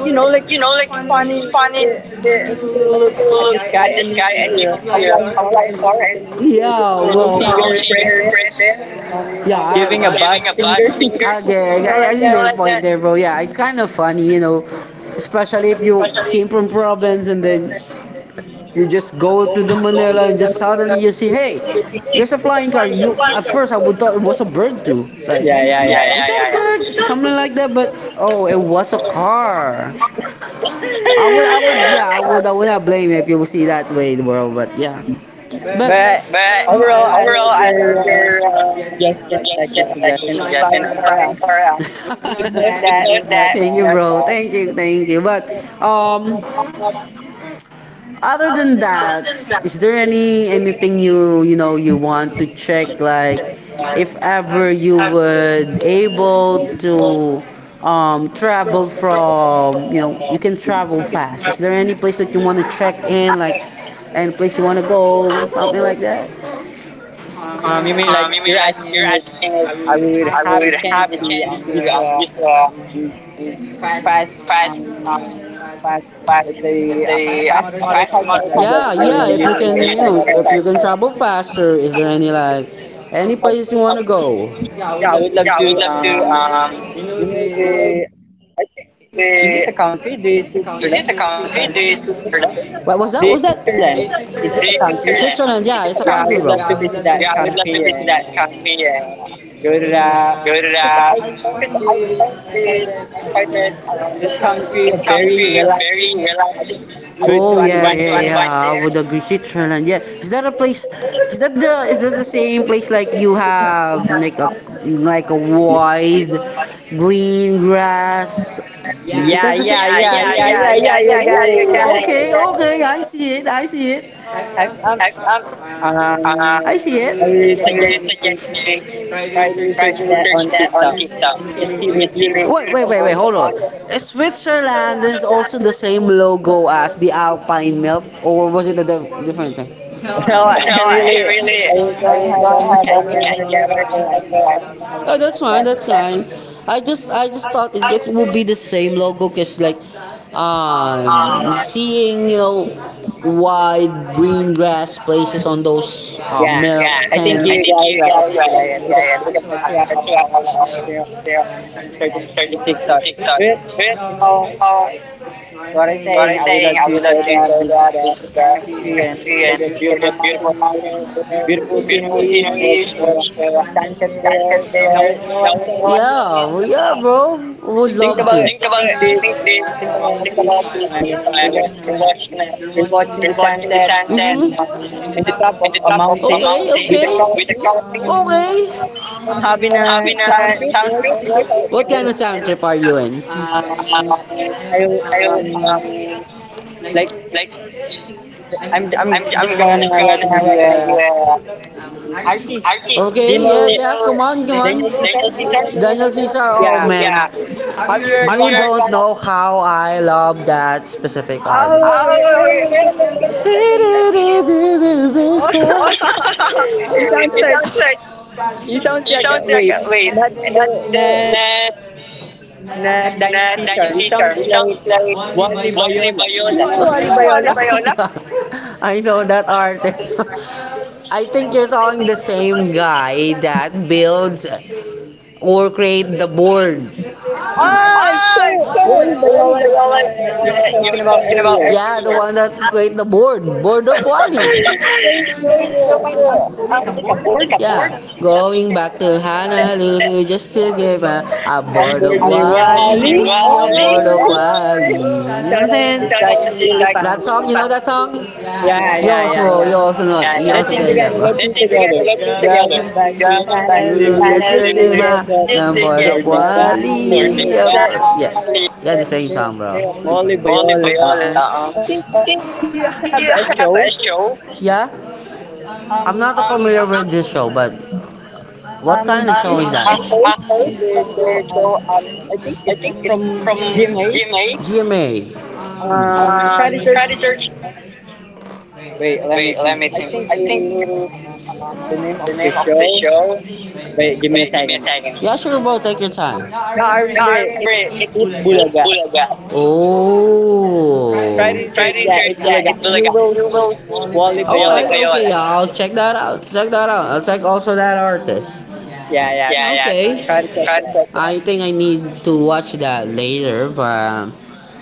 Speaker 2: you know like it's funny
Speaker 1: like funny the, when
Speaker 2: when you
Speaker 1: you
Speaker 2: look at
Speaker 1: look
Speaker 2: the sky and you
Speaker 1: that
Speaker 2: can
Speaker 1: and
Speaker 2: see
Speaker 1: you
Speaker 2: a flying car
Speaker 1: apply
Speaker 2: and
Speaker 1: for
Speaker 2: you can
Speaker 1: and
Speaker 2: see you
Speaker 1: Yeah,
Speaker 2: will see
Speaker 1: well,
Speaker 2: your
Speaker 1: you see
Speaker 2: friend
Speaker 1: your
Speaker 2: there
Speaker 1: present.
Speaker 2: um
Speaker 1: Yeah,
Speaker 2: giving a bad
Speaker 1: I
Speaker 2: finger,
Speaker 1: think
Speaker 2: you know
Speaker 1: I
Speaker 2: like
Speaker 1: see
Speaker 2: that.
Speaker 1: your point there, bro. Yeah, it's kind of funny, you know, especially if you came from province and then you just go to the Manila and just suddenly you see, hey, there's a flying car. You at first I would thought it was a bird too, like.
Speaker 2: Yeah, yeah,
Speaker 1: Yeah,
Speaker 2: yeah.
Speaker 1: "Is that a yeah, bird, something like that. But oh, it was a car. I would, I I would not blame you if you see that way, bro. But yeah, But
Speaker 2: But
Speaker 1: But
Speaker 2: overall, I like
Speaker 1: I
Speaker 2: your
Speaker 1: love your suggestion.
Speaker 2: suggestion. I like your
Speaker 1: Like your
Speaker 2: suggestion.
Speaker 1: suggestion.
Speaker 2: Flying
Speaker 1: I'm
Speaker 2: car.
Speaker 1: flying car out.
Speaker 2: Would note that. Would note
Speaker 1: Thank you,
Speaker 2: that.
Speaker 1: bro. Thank you, thank you. But um, other than that, is there anything you you know you want to check? Like, if ever you would able to travel from you can travel fast. Is there any place that you want to check in like? Any place you want to go, something like that.
Speaker 2: You mean like you're asking if I would
Speaker 1: I
Speaker 2: have a
Speaker 1: would have
Speaker 2: chance
Speaker 1: a
Speaker 2: to
Speaker 1: chance
Speaker 2: use
Speaker 1: to
Speaker 2: a
Speaker 1: use the
Speaker 2: um, fast
Speaker 1: fast,
Speaker 2: um
Speaker 1: um,
Speaker 2: fast
Speaker 1: fast,
Speaker 2: let's say a
Speaker 1: the
Speaker 2: fast
Speaker 1: fast
Speaker 2: motorcycle.
Speaker 1: motor.
Speaker 2: I'd love
Speaker 1: Yeah, yeah.
Speaker 2: to
Speaker 1: If you
Speaker 2: use
Speaker 1: can, you know, if you can
Speaker 2: motorcycle.
Speaker 1: travel faster, is there any like any
Speaker 2: Oh,
Speaker 1: places you want to go?
Speaker 2: yeah, I would love to
Speaker 1: To
Speaker 2: you know the
Speaker 1: the,
Speaker 2: is it a
Speaker 1: the
Speaker 2: country? The
Speaker 1: country, the
Speaker 2: Switzerland? Is it a
Speaker 1: Switzerland.
Speaker 2: country?
Speaker 1: What was that? What was that?
Speaker 2: The Switzerland.
Speaker 1: Switzerland.
Speaker 2: Is it a
Speaker 1: Switzerland. Yeah,
Speaker 2: country?
Speaker 1: it's a country, bro.
Speaker 2: Yeah, I would love to visit that country and
Speaker 1: Yeah.
Speaker 2: go to that because
Speaker 1: Uh,
Speaker 2: I
Speaker 1: like
Speaker 2: find that the
Speaker 1: um, it
Speaker 2: country
Speaker 1: can
Speaker 2: very
Speaker 1: be very
Speaker 2: relaxing. I
Speaker 1: relaxing.
Speaker 2: think it's good
Speaker 1: Oh
Speaker 2: to
Speaker 1: yeah,
Speaker 2: unwind
Speaker 1: yeah, yeah.
Speaker 2: there.
Speaker 1: one I there. Would agree. Switzerland. Yeah. Is that a place? Is that the same place like you have like a wide green grass? Is
Speaker 2: Yeah,
Speaker 1: that the same?
Speaker 2: yeah,
Speaker 1: Yeah, is that
Speaker 2: yeah,
Speaker 1: yeah, the
Speaker 2: yeah,
Speaker 1: same? Yeah,
Speaker 2: yeah,
Speaker 1: yeah.
Speaker 2: yeah. You got it. You
Speaker 1: Yeah.
Speaker 2: got
Speaker 1: Okay, okay.
Speaker 2: it.
Speaker 1: I see it. I see it.
Speaker 2: I, um, um,
Speaker 1: I see
Speaker 2: I
Speaker 1: it.
Speaker 2: would suggest you
Speaker 1: Try
Speaker 2: try to
Speaker 1: to
Speaker 2: research that on
Speaker 1: research on
Speaker 2: TikTok.
Speaker 1: TikTok.
Speaker 2: You can see the beautiful.
Speaker 1: Wait, hold on. Is Switzerland is also the same logo as the Alpine milk, or was it a di- different thing?
Speaker 2: Well, I
Speaker 1: No.
Speaker 2: really, I don't
Speaker 1: I
Speaker 2: have
Speaker 1: don't
Speaker 2: any
Speaker 1: have
Speaker 2: idea about
Speaker 1: any
Speaker 2: the
Speaker 1: American
Speaker 2: logo. I don't
Speaker 1: logo.
Speaker 2: know how to
Speaker 1: Oh,
Speaker 2: go
Speaker 1: that's fine.
Speaker 2: that.
Speaker 1: That's fine. I just thought it would be the same logo because like seeing wide green grass places on those
Speaker 2: Yeah,
Speaker 1: milk Yeah.
Speaker 2: I think
Speaker 1: tanks. I
Speaker 2: you guys right. Actually, yeah, yeah, because
Speaker 1: like,
Speaker 2: that's why I
Speaker 1: yeah,
Speaker 2: always you know, when I'm searching it on TikTok. But you know
Speaker 1: uh,
Speaker 2: what I'm
Speaker 1: what
Speaker 2: saying,
Speaker 1: I'm
Speaker 2: I would love
Speaker 1: saying, I
Speaker 2: to
Speaker 1: would
Speaker 2: go
Speaker 1: love to
Speaker 2: there,
Speaker 1: go
Speaker 2: visit
Speaker 1: to
Speaker 2: that
Speaker 1: visit
Speaker 2: country, and look
Speaker 1: country
Speaker 2: for
Speaker 1: and
Speaker 2: the beautiful
Speaker 1: look
Speaker 2: mountains there,
Speaker 1: mountains,
Speaker 2: beautiful
Speaker 1: beautiful
Speaker 2: sceneries, watch
Speaker 1: sceneries,
Speaker 2: the
Speaker 1: watch the
Speaker 2: sunset there.
Speaker 1: sunset there.
Speaker 2: You know what
Speaker 1: Yeah,
Speaker 2: I'm saying?
Speaker 1: well, yeah, bro. Would
Speaker 2: Think
Speaker 1: love
Speaker 2: about
Speaker 1: to.
Speaker 2: it.
Speaker 1: Think about
Speaker 2: Think
Speaker 1: it.
Speaker 2: this
Speaker 1: Think this.
Speaker 2: think about
Speaker 1: Think about
Speaker 2: this
Speaker 1: this.
Speaker 2: time
Speaker 1: You're watching it.
Speaker 2: you're watching
Speaker 1: You're
Speaker 2: the
Speaker 1: watching the
Speaker 2: sunset
Speaker 1: sunset. Mhm.
Speaker 2: in the top of a
Speaker 1: Up on
Speaker 2: mountain
Speaker 1: a. Okay,
Speaker 2: with a
Speaker 1: okay. With a
Speaker 2: coffee
Speaker 1: coffee.
Speaker 2: um,
Speaker 1: Okay
Speaker 2: having a sound trip you
Speaker 1: sound
Speaker 2: know sound trip
Speaker 1: trip. What kind of sound
Speaker 2: like,
Speaker 1: trip are you in? Um,
Speaker 2: and I um
Speaker 1: I um
Speaker 2: like
Speaker 1: like
Speaker 2: I'm just
Speaker 1: I'm
Speaker 2: gonna
Speaker 1: just gonna
Speaker 2: recommend you a
Speaker 1: uh,
Speaker 2: artist.
Speaker 1: artist.
Speaker 2: Do you
Speaker 1: Okay,
Speaker 2: know
Speaker 1: yeah, yeah, come on, come on.
Speaker 2: Daniel Caesar?
Speaker 1: Daniel
Speaker 2: Do you
Speaker 1: Peter.
Speaker 2: know Daniel
Speaker 1: Daniel Caesar,
Speaker 2: Caesar?
Speaker 1: oh
Speaker 2: Yeah.
Speaker 1: man. Yeah.
Speaker 2: Have you heard
Speaker 1: You
Speaker 2: one of?
Speaker 1: don't know how I love that specific art.
Speaker 2: It sounds like You sounds
Speaker 1: You
Speaker 2: like
Speaker 1: sound
Speaker 2: wait, not
Speaker 1: not
Speaker 2: the
Speaker 1: the-
Speaker 2: not
Speaker 1: na
Speaker 2: not Daniel Caesar.
Speaker 1: Daniel
Speaker 2: You
Speaker 1: Caesar.
Speaker 2: sounds
Speaker 1: You sound
Speaker 2: like
Speaker 1: like.
Speaker 2: Wally Bayola. Do you know Wally Bayola?
Speaker 1: I know that artist. I think you're talking the same guy that builds or create the board.
Speaker 2: Ah,
Speaker 1: Ah,
Speaker 2: so Wally Bayola is the one
Speaker 1: you
Speaker 2: that you were
Speaker 1: you're
Speaker 2: talking about
Speaker 1: talking about Earth.
Speaker 2: earlier.
Speaker 1: Yeah, the one that create the board. Board of Wally.
Speaker 2: So he's the one that make a board.
Speaker 1: Yeah, going back to
Speaker 2: That
Speaker 1: Honolulu just to give a
Speaker 2: I'm
Speaker 1: board of
Speaker 2: board ni
Speaker 1: Wally.
Speaker 2: Wally.
Speaker 1: A board
Speaker 2: Ah,
Speaker 1: of Wally. You know what
Speaker 2: shout
Speaker 1: I'm
Speaker 2: out to
Speaker 1: saying?
Speaker 2: Shaq. It's really funny.
Speaker 1: That song, you know that song?
Speaker 2: Yeah, yeah, yeah,
Speaker 1: Yo,
Speaker 2: yeah, yeah.
Speaker 1: you also know it. You
Speaker 2: Let's
Speaker 1: also
Speaker 2: sing
Speaker 1: play
Speaker 2: together,
Speaker 1: together.
Speaker 2: let's sing together.
Speaker 1: Let's do together.
Speaker 2: Going back to
Speaker 1: Dragon Ball. You know
Speaker 2: Honolulu
Speaker 1: that's
Speaker 2: just to get back
Speaker 1: more of
Speaker 2: Burning
Speaker 1: what?
Speaker 2: Valley. Is That, is
Speaker 1: Yeah.
Speaker 2: that,
Speaker 1: Yeah, the same
Speaker 2: yeah.
Speaker 1: song, bro.
Speaker 2: Molly Bayola. I think
Speaker 1: Uh-oh.
Speaker 2: he
Speaker 1: Do
Speaker 2: have
Speaker 1: you
Speaker 2: a
Speaker 1: have
Speaker 2: show.
Speaker 1: a show? Yeah?
Speaker 2: Um,
Speaker 1: I'm not familiar with this show, but what kind of show
Speaker 2: he's
Speaker 1: is that?
Speaker 2: a
Speaker 1: It's
Speaker 2: host from the show.
Speaker 1: after show.
Speaker 2: I think
Speaker 1: I
Speaker 2: it's
Speaker 1: think it's
Speaker 2: from
Speaker 1: from
Speaker 2: GMA.
Speaker 1: GMA. GMA.
Speaker 2: Try to search.
Speaker 1: Friday Church.
Speaker 2: Wait, let me
Speaker 1: Wait, let
Speaker 2: think.
Speaker 1: me
Speaker 2: I
Speaker 1: think.
Speaker 2: think it
Speaker 1: I think
Speaker 2: is uh,
Speaker 1: maybe
Speaker 2: the name of
Speaker 1: the
Speaker 2: the
Speaker 1: name of the
Speaker 2: show.
Speaker 1: show.
Speaker 2: Wait, give me a second.
Speaker 1: Yeah, sure, bro. Take your time. I
Speaker 2: No, I remember it.
Speaker 1: remember
Speaker 2: It's
Speaker 1: it.
Speaker 2: It Bulaga.
Speaker 1: It's Oh.
Speaker 2: Try to search that. It's Bulaga. You will see Wally Bayola.
Speaker 1: Okay, I'll check that out. Check that out. I'll check also that artist.
Speaker 2: Yeah, yeah.
Speaker 1: Yeah, okay. Yeah.
Speaker 2: Try to
Speaker 1: Okay.
Speaker 2: check
Speaker 1: Try to
Speaker 2: that.
Speaker 1: check it. I think I need to watch that later, but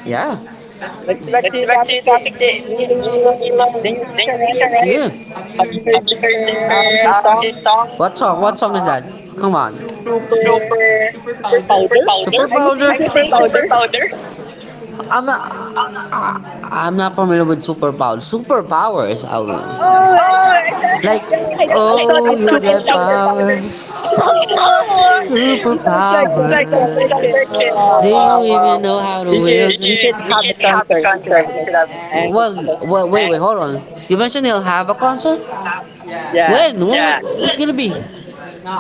Speaker 1: yeah.
Speaker 2: Let's go back to the topic that you really love. Daniel Caesar,
Speaker 1: Um,
Speaker 2: right? Have you heard her his
Speaker 1: um,
Speaker 2: song
Speaker 1: what song?
Speaker 2: um
Speaker 1: What song is that? Come on.
Speaker 2: super super
Speaker 1: Super.
Speaker 2: powder? I miss
Speaker 1: Powder?
Speaker 2: say
Speaker 1: I could
Speaker 2: super
Speaker 1: say super.
Speaker 2: powder.
Speaker 1: I'm not. I'm not I'm not familiar with Super Power. Super Power is out.
Speaker 2: Oh,
Speaker 1: Oh, like,
Speaker 2: yeah, I thought
Speaker 1: oh.
Speaker 2: it's
Speaker 1: The
Speaker 2: super powder. Oh, he sounds like
Speaker 1: superpower.
Speaker 2: him. He sounds like him. Wow,
Speaker 1: Do
Speaker 2: wow,
Speaker 1: you even
Speaker 2: wow.
Speaker 1: know how
Speaker 2: You
Speaker 1: to
Speaker 2: should
Speaker 1: wield?
Speaker 2: we should have a concert. We should have a concert. And
Speaker 1: Well, wait, hold on. You mentioned you'll have a concert.
Speaker 2: yeah,
Speaker 1: When? When. Yeah. What's gonna be? No,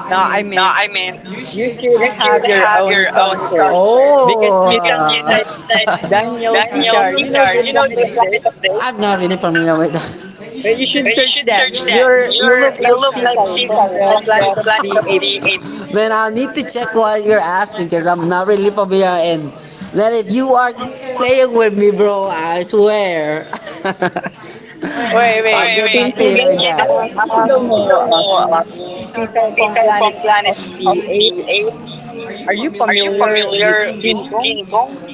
Speaker 2: no, I mean
Speaker 1: I mean.
Speaker 2: you should have your own concert because you sound
Speaker 1: Oh.
Speaker 2: like Daniel Caesar. You know the Planet of the Apes.
Speaker 1: I'm not really familiar with that.
Speaker 2: Well, you should search that. You look like Caesar from the
Speaker 1: Man,
Speaker 2: Planet of the Apes.
Speaker 1: I'll need to check what you're asking because I'm not really familiar. And man, if you are playing with me, bro, I swear.
Speaker 2: Wait,
Speaker 1: I'll
Speaker 2: wait.
Speaker 1: Wait, get wait back to you with that.
Speaker 2: Since you don't
Speaker 1: Um,
Speaker 2: know
Speaker 1: Caesar
Speaker 2: Caesar from
Speaker 1: from
Speaker 2: Planet
Speaker 1: Planet
Speaker 2: of
Speaker 1: of
Speaker 2: the
Speaker 1: the.
Speaker 2: Apes,
Speaker 1: Are you
Speaker 2: are you
Speaker 1: familiar? Are you
Speaker 2: familiar with King Kong?
Speaker 1: king?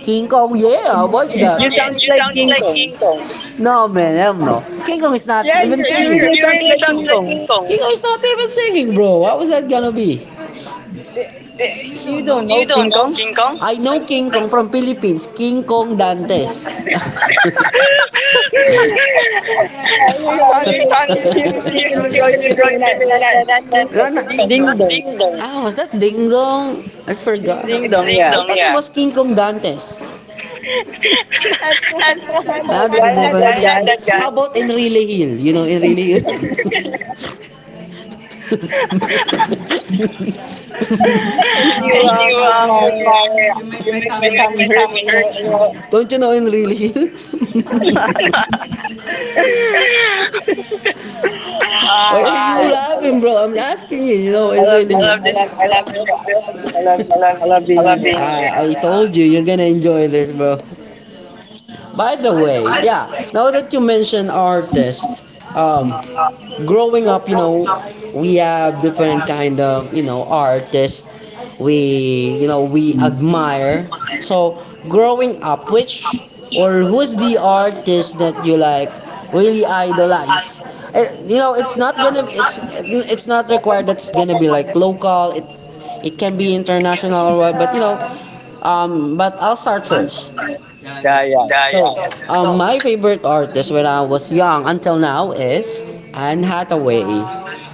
Speaker 1: King Kong, yeah, what's
Speaker 2: Yeah,
Speaker 1: that?
Speaker 2: you sounds
Speaker 1: Yes.
Speaker 2: like King Kong.
Speaker 1: No, man, hell no. King Kong is not
Speaker 2: Yeah,
Speaker 1: even
Speaker 2: you
Speaker 1: singing.
Speaker 2: really sounds like King Kong.
Speaker 1: King Kong is not even singing, bro. What was that gonna be?
Speaker 2: You
Speaker 1: Do
Speaker 2: don't
Speaker 1: you
Speaker 2: know
Speaker 1: don't.
Speaker 2: King Kong?
Speaker 1: I know King Kong from Philippines. King Kong Dantes.
Speaker 2: You're funny. You're keeping it really Keeping it. Not that
Speaker 1: Rana.
Speaker 2: ding dong.
Speaker 1: Ah, was that Ding Dong? I
Speaker 2: It's ding dong.
Speaker 1: forgot.
Speaker 2: It's ding
Speaker 1: It's
Speaker 2: dong,
Speaker 1: Ding I
Speaker 2: yeah.
Speaker 1: dong, I thought yeah. It yeah. Was King Kong Dantes.
Speaker 2: Not, not,
Speaker 1: Ah,
Speaker 2: that
Speaker 1: that's
Speaker 2: guy,
Speaker 1: a
Speaker 2: not
Speaker 1: never.
Speaker 2: that
Speaker 1: Why.
Speaker 2: guy.
Speaker 1: How about Enrile Hill? You know Enrile Hill?
Speaker 2: you um, make my you make my tummy hurt.
Speaker 1: Don't you know Enrile Hill? Why
Speaker 2: Ah,
Speaker 1: are you laughing, bro? I'm asking you, you know
Speaker 2: I
Speaker 1: Enrile
Speaker 2: love this.
Speaker 1: Hill.
Speaker 2: I love this
Speaker 1: I
Speaker 2: show.
Speaker 1: love,
Speaker 2: I love this. I love this. I love
Speaker 1: I
Speaker 2: being
Speaker 1: love
Speaker 2: here.
Speaker 1: being here.
Speaker 2: Yeah,
Speaker 1: I told you, you're gonna enjoy this, bro. By the way, yeah. Now that you mention artists, um, growing up, you know, we have different kind of artists we we admire. So growing up, which or who's the artist that you like really idolize? Eh, you know, it's not required. That's gonna be like local. It can be international or what. But you know, but I'll start first.
Speaker 2: yeah, yeah,
Speaker 1: Yeah,
Speaker 2: yeah.
Speaker 1: so, yeah, yeah. My favorite artist when I was young until now is Anne Hathaway. Bro, Anne,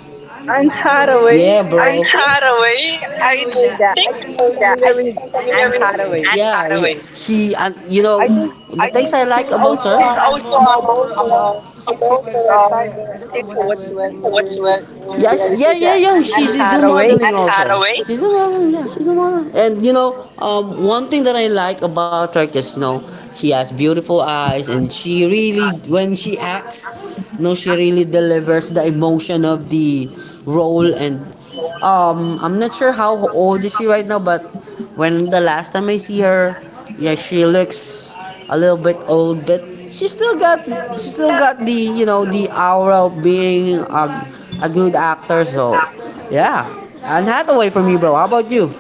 Speaker 2: Anne Hathaway.
Speaker 1: bro,
Speaker 2: I think
Speaker 1: Hathaway.
Speaker 2: I
Speaker 1: I
Speaker 2: know that. I think I'm
Speaker 1: yeah, I
Speaker 2: familiar with
Speaker 1: familiar
Speaker 2: Anne
Speaker 1: with
Speaker 2: Hathaway.
Speaker 1: Anne, yeah, Hathaway. She, and
Speaker 2: I think
Speaker 1: the, I things think I
Speaker 2: she's
Speaker 1: like about
Speaker 2: also
Speaker 1: her. She's also
Speaker 2: a model for a specific website, but
Speaker 1: a,
Speaker 2: I
Speaker 1: a,
Speaker 2: don't know what's what
Speaker 1: a, what you.
Speaker 2: word
Speaker 1: Yeah,
Speaker 2: did
Speaker 1: she,
Speaker 2: I
Speaker 1: yeah,
Speaker 2: search
Speaker 1: yeah,
Speaker 2: it?
Speaker 1: yeah. She,
Speaker 2: Anne
Speaker 1: she's do
Speaker 2: Hathaway.
Speaker 1: modeling. And also. Hathaway? She's a model. Yeah, she's a model. And one thing that I like about her is, she has beautiful eyes, and she really, when she acts, you know, she really delivers the emotion of the role. And I'm not sure how old is she right now, but when the last time I see her, yeah, she looks a little bit old, but she still got the, the aura of being a good actor. So, yeah, Anne Hathaway for me, bro. How about you?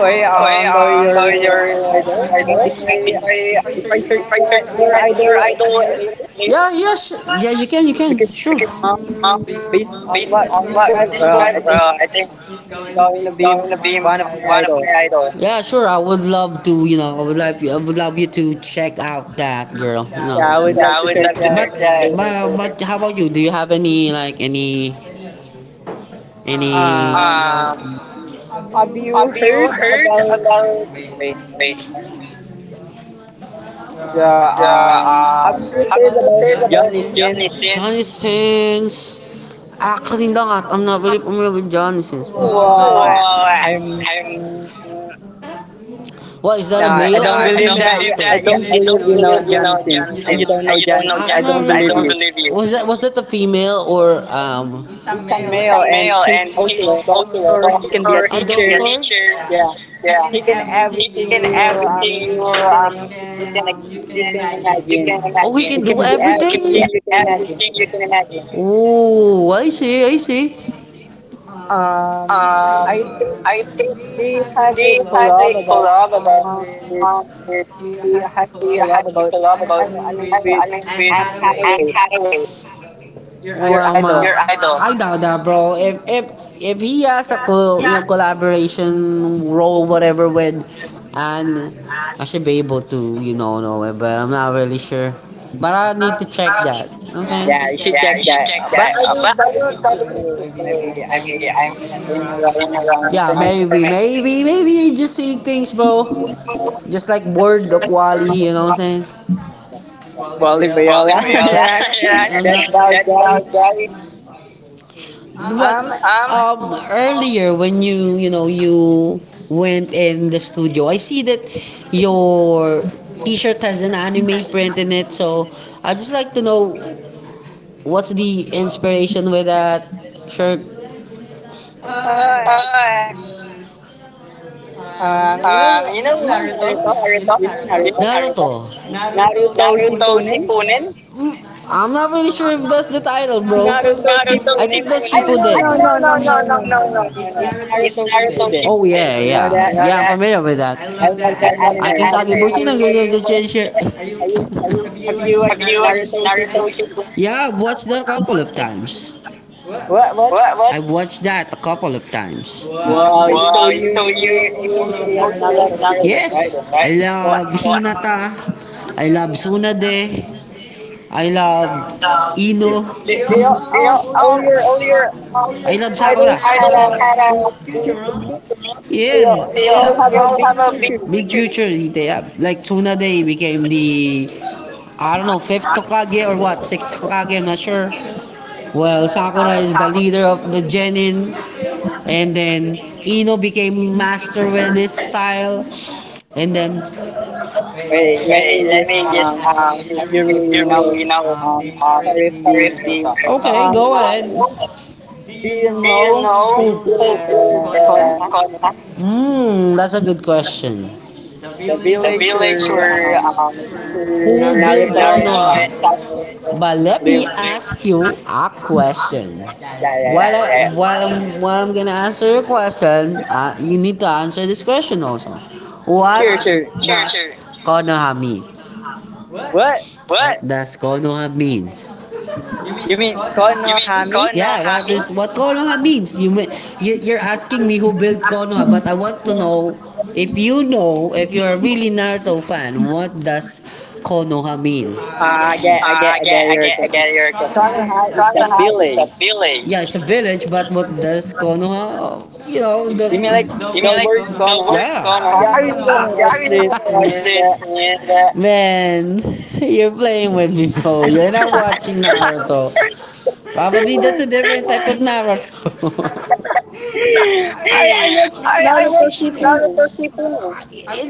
Speaker 2: Wait,
Speaker 1: Oh, I
Speaker 2: about your
Speaker 1: know your
Speaker 2: idol, mind
Speaker 1: idol.
Speaker 2: if
Speaker 1: If
Speaker 2: I
Speaker 1: I if
Speaker 2: search
Speaker 1: I
Speaker 2: that
Speaker 1: search
Speaker 2: your
Speaker 1: that, your
Speaker 2: idol
Speaker 1: idol?
Speaker 2: later?
Speaker 1: Yeah, yes, yeah, you can,
Speaker 2: Because
Speaker 1: sure. Okay.
Speaker 2: based on
Speaker 1: Based
Speaker 2: what
Speaker 1: on
Speaker 2: you
Speaker 1: what you
Speaker 2: described, well, I
Speaker 1: described,
Speaker 2: think
Speaker 1: I think
Speaker 2: it's
Speaker 1: going
Speaker 2: going to be
Speaker 1: to be
Speaker 2: one of my
Speaker 1: one of my
Speaker 2: idols.
Speaker 1: idols. Yeah, sure. I would love to, you know, I would love you to check out that girl.
Speaker 2: Yeah, I would love
Speaker 1: Yeah,
Speaker 2: to search that
Speaker 1: yeah.
Speaker 2: later.
Speaker 1: But how about you? Do you have any, like, any?
Speaker 2: Um, have you
Speaker 1: Have you?
Speaker 2: heard about? Wait, sorry.
Speaker 1: Wait.
Speaker 2: Yeah,
Speaker 1: Yeah.
Speaker 2: have you heard
Speaker 1: Have
Speaker 2: about Johnny Sin?
Speaker 1: you seen Johnny Sins? Actually, not. I'm not really familiar with Johnny Sins. Oh,
Speaker 2: Well,
Speaker 1: uh,
Speaker 2: mm,
Speaker 1: what is that,
Speaker 2: no,
Speaker 1: a
Speaker 2: I
Speaker 1: male?
Speaker 2: don't believe that. I don't believe you know Johnny Sins. You don't know Johnny Sins. I don't believe
Speaker 1: Marriage.
Speaker 2: you.
Speaker 1: Was that the female or um?
Speaker 2: He's a male and he's also a doctor. He can be a
Speaker 1: Doctor,
Speaker 2: teacher. Yeah,
Speaker 1: yeah.
Speaker 2: he can everything
Speaker 1: In every
Speaker 2: you can
Speaker 1: um,
Speaker 2: you can imagine.
Speaker 1: oh, he
Speaker 2: He
Speaker 1: can
Speaker 2: can
Speaker 1: do
Speaker 2: be
Speaker 1: everything. Can do
Speaker 2: everything you can
Speaker 1: everything you
Speaker 2: imagine.
Speaker 1: can imagine. Oh, I see, I see. Um,
Speaker 2: I think
Speaker 1: I think
Speaker 2: they have
Speaker 1: they
Speaker 2: a
Speaker 1: had
Speaker 2: collab
Speaker 1: a
Speaker 2: about
Speaker 1: collab about,
Speaker 2: with
Speaker 1: with
Speaker 2: we had a collab about
Speaker 1: love.
Speaker 2: I, don't know, I mean with
Speaker 1: I mean,
Speaker 2: Anne
Speaker 1: Anne
Speaker 2: Hathaway.
Speaker 1: Hathaway. Your,
Speaker 2: Your
Speaker 1: well, ma,
Speaker 2: idea,
Speaker 1: your idol. I doubt that, bro. If he has a you know, collaboration role, whatever, with, and I should be able to, you know it. But I'm not really sure. But I need to check that. Okay.
Speaker 2: yeah, you should check
Speaker 1: Yeah, you should.
Speaker 2: that. But
Speaker 1: Yeah,
Speaker 2: I will
Speaker 1: but I
Speaker 2: double
Speaker 1: will
Speaker 2: check
Speaker 1: tell
Speaker 2: it too.
Speaker 1: you
Speaker 2: Maybe
Speaker 1: maybe I'm
Speaker 2: I'm
Speaker 1: in
Speaker 2: saying the wrong
Speaker 1: around. Yeah, on maybe,
Speaker 2: information.
Speaker 1: internet. Maybe you're just seeing things, bro. Just like word of Wally, you know what I'm saying?
Speaker 2: Wally
Speaker 1: Well,
Speaker 2: Viola,
Speaker 1: if. Yeah.
Speaker 2: that bald guy.
Speaker 1: Mhm. But
Speaker 2: Um,
Speaker 1: earlier when you went in the studio, I see that your T-shirt has an anime print in it. So I just like to know what's the inspiration with that shirt.
Speaker 2: uh,
Speaker 1: Ah,
Speaker 2: um, you know, you know Naruto, you know
Speaker 1: yun.
Speaker 2: Naruto,
Speaker 1: Naruto.
Speaker 2: Naruto Shippuden,
Speaker 1: Punin? I'm not really sure if that's the title, bro.
Speaker 2: Naruto Shippuden. I no no
Speaker 1: Shippuden.
Speaker 2: no no no no no no.
Speaker 1: So,
Speaker 2: It's Naruto Shippuden.
Speaker 1: oh
Speaker 2: Oh,
Speaker 1: yeah,
Speaker 2: you know
Speaker 1: yeah,
Speaker 2: that?
Speaker 1: yeah. I'm familiar with that.
Speaker 2: I love that
Speaker 1: In
Speaker 2: anime. Have
Speaker 1: Kagebushi,
Speaker 2: you
Speaker 1: nang
Speaker 2: watched
Speaker 1: ganyan siya
Speaker 2: it?
Speaker 1: change shirt.
Speaker 2: Have you have you
Speaker 1: Have
Speaker 2: watched
Speaker 1: you watched
Speaker 2: Naruto
Speaker 1: Naruto
Speaker 2: Shippuden?
Speaker 1: Shippuden? Yeah, I've watched that a couple of times.
Speaker 2: What?
Speaker 1: What? What? I've watched that a couple of times.
Speaker 2: Wow, so you
Speaker 1: You
Speaker 2: you
Speaker 1: you also
Speaker 2: also
Speaker 1: like
Speaker 2: love Naruto
Speaker 1: Naruto,
Speaker 2: Shippuden, right?
Speaker 1: yes, Shippuden, right? I, right?
Speaker 2: So
Speaker 1: Love Hinata. I love Tsunade. I love Ino.
Speaker 2: do you,
Speaker 1: Do you,
Speaker 2: um all your
Speaker 1: all
Speaker 2: um
Speaker 1: your
Speaker 2: all
Speaker 1: I love
Speaker 2: your idols
Speaker 1: Sakura.
Speaker 2: had
Speaker 1: Idols
Speaker 2: a
Speaker 1: had
Speaker 2: big
Speaker 1: a future?
Speaker 2: future, no?
Speaker 1: Yeah, you,
Speaker 2: They all
Speaker 1: do you
Speaker 2: have a big future.
Speaker 1: all. Big future they have. Like Tsunade became the, I don't know, fifth Tokage, or what, sixth Tokage. I'm not sure. Well, Sakura is the leader of the Genin, and then Ino became master with this style, and then.
Speaker 2: Wait, let me
Speaker 1: Wait, let
Speaker 2: just
Speaker 1: me just
Speaker 2: ask you if you really know
Speaker 1: um
Speaker 2: the
Speaker 1: sorry
Speaker 2: story of the
Speaker 1: if the,
Speaker 2: Naruto.
Speaker 1: okay, go ahead.
Speaker 2: Um,
Speaker 1: Do
Speaker 2: do you
Speaker 1: you
Speaker 2: know who
Speaker 1: know
Speaker 2: built the Konoha?
Speaker 1: Kona? Hmm, that's a good question.
Speaker 2: The
Speaker 1: The
Speaker 2: village
Speaker 1: village where who
Speaker 2: where
Speaker 1: where built
Speaker 2: Naruto
Speaker 1: Naruto
Speaker 2: and
Speaker 1: Konoha? And
Speaker 2: Sasuke
Speaker 1: But let me
Speaker 2: live.
Speaker 1: ask you a question.
Speaker 2: Yeah, yeah,
Speaker 1: While, I,
Speaker 2: yeah.
Speaker 1: yeah, while I'm gonna answer your question, you need to answer this question also. What,
Speaker 2: Sure, sure.
Speaker 1: sure, does sure, Konoha means?
Speaker 2: What?
Speaker 1: What? What? Does Konoha means?
Speaker 2: You mean
Speaker 1: You mean,
Speaker 2: Konohami?
Speaker 1: yeah, what is Having? What Konoha means? You, may, you're asking me who built Konoha, but I want to know if you know, if you're a really Naruto fan, what does Konoha mean?
Speaker 2: Ah,
Speaker 1: I
Speaker 2: I
Speaker 1: get,
Speaker 2: get
Speaker 1: I,
Speaker 2: your
Speaker 1: I
Speaker 2: question.
Speaker 1: get your question.
Speaker 2: Konoha is the
Speaker 1: Konoha
Speaker 2: village.
Speaker 1: is village. Yeah, it's a village, but what does Konoha? You know the.
Speaker 2: You mean like
Speaker 1: You mean
Speaker 2: the
Speaker 1: like
Speaker 2: word
Speaker 1: the word,
Speaker 2: Konoha?
Speaker 1: yeah,
Speaker 2: Yeah, I really don't
Speaker 1: Konoha? Yeah,
Speaker 2: watch
Speaker 1: I mean,
Speaker 2: this,
Speaker 1: like
Speaker 2: man. But
Speaker 1: this and that, man. You're playing with me, bro. You're not watching Naruto. Probably that's a different type of Naruto.
Speaker 2: I watch
Speaker 1: I
Speaker 2: Naruto
Speaker 1: watched
Speaker 2: Shippuden.
Speaker 1: Naruto. It's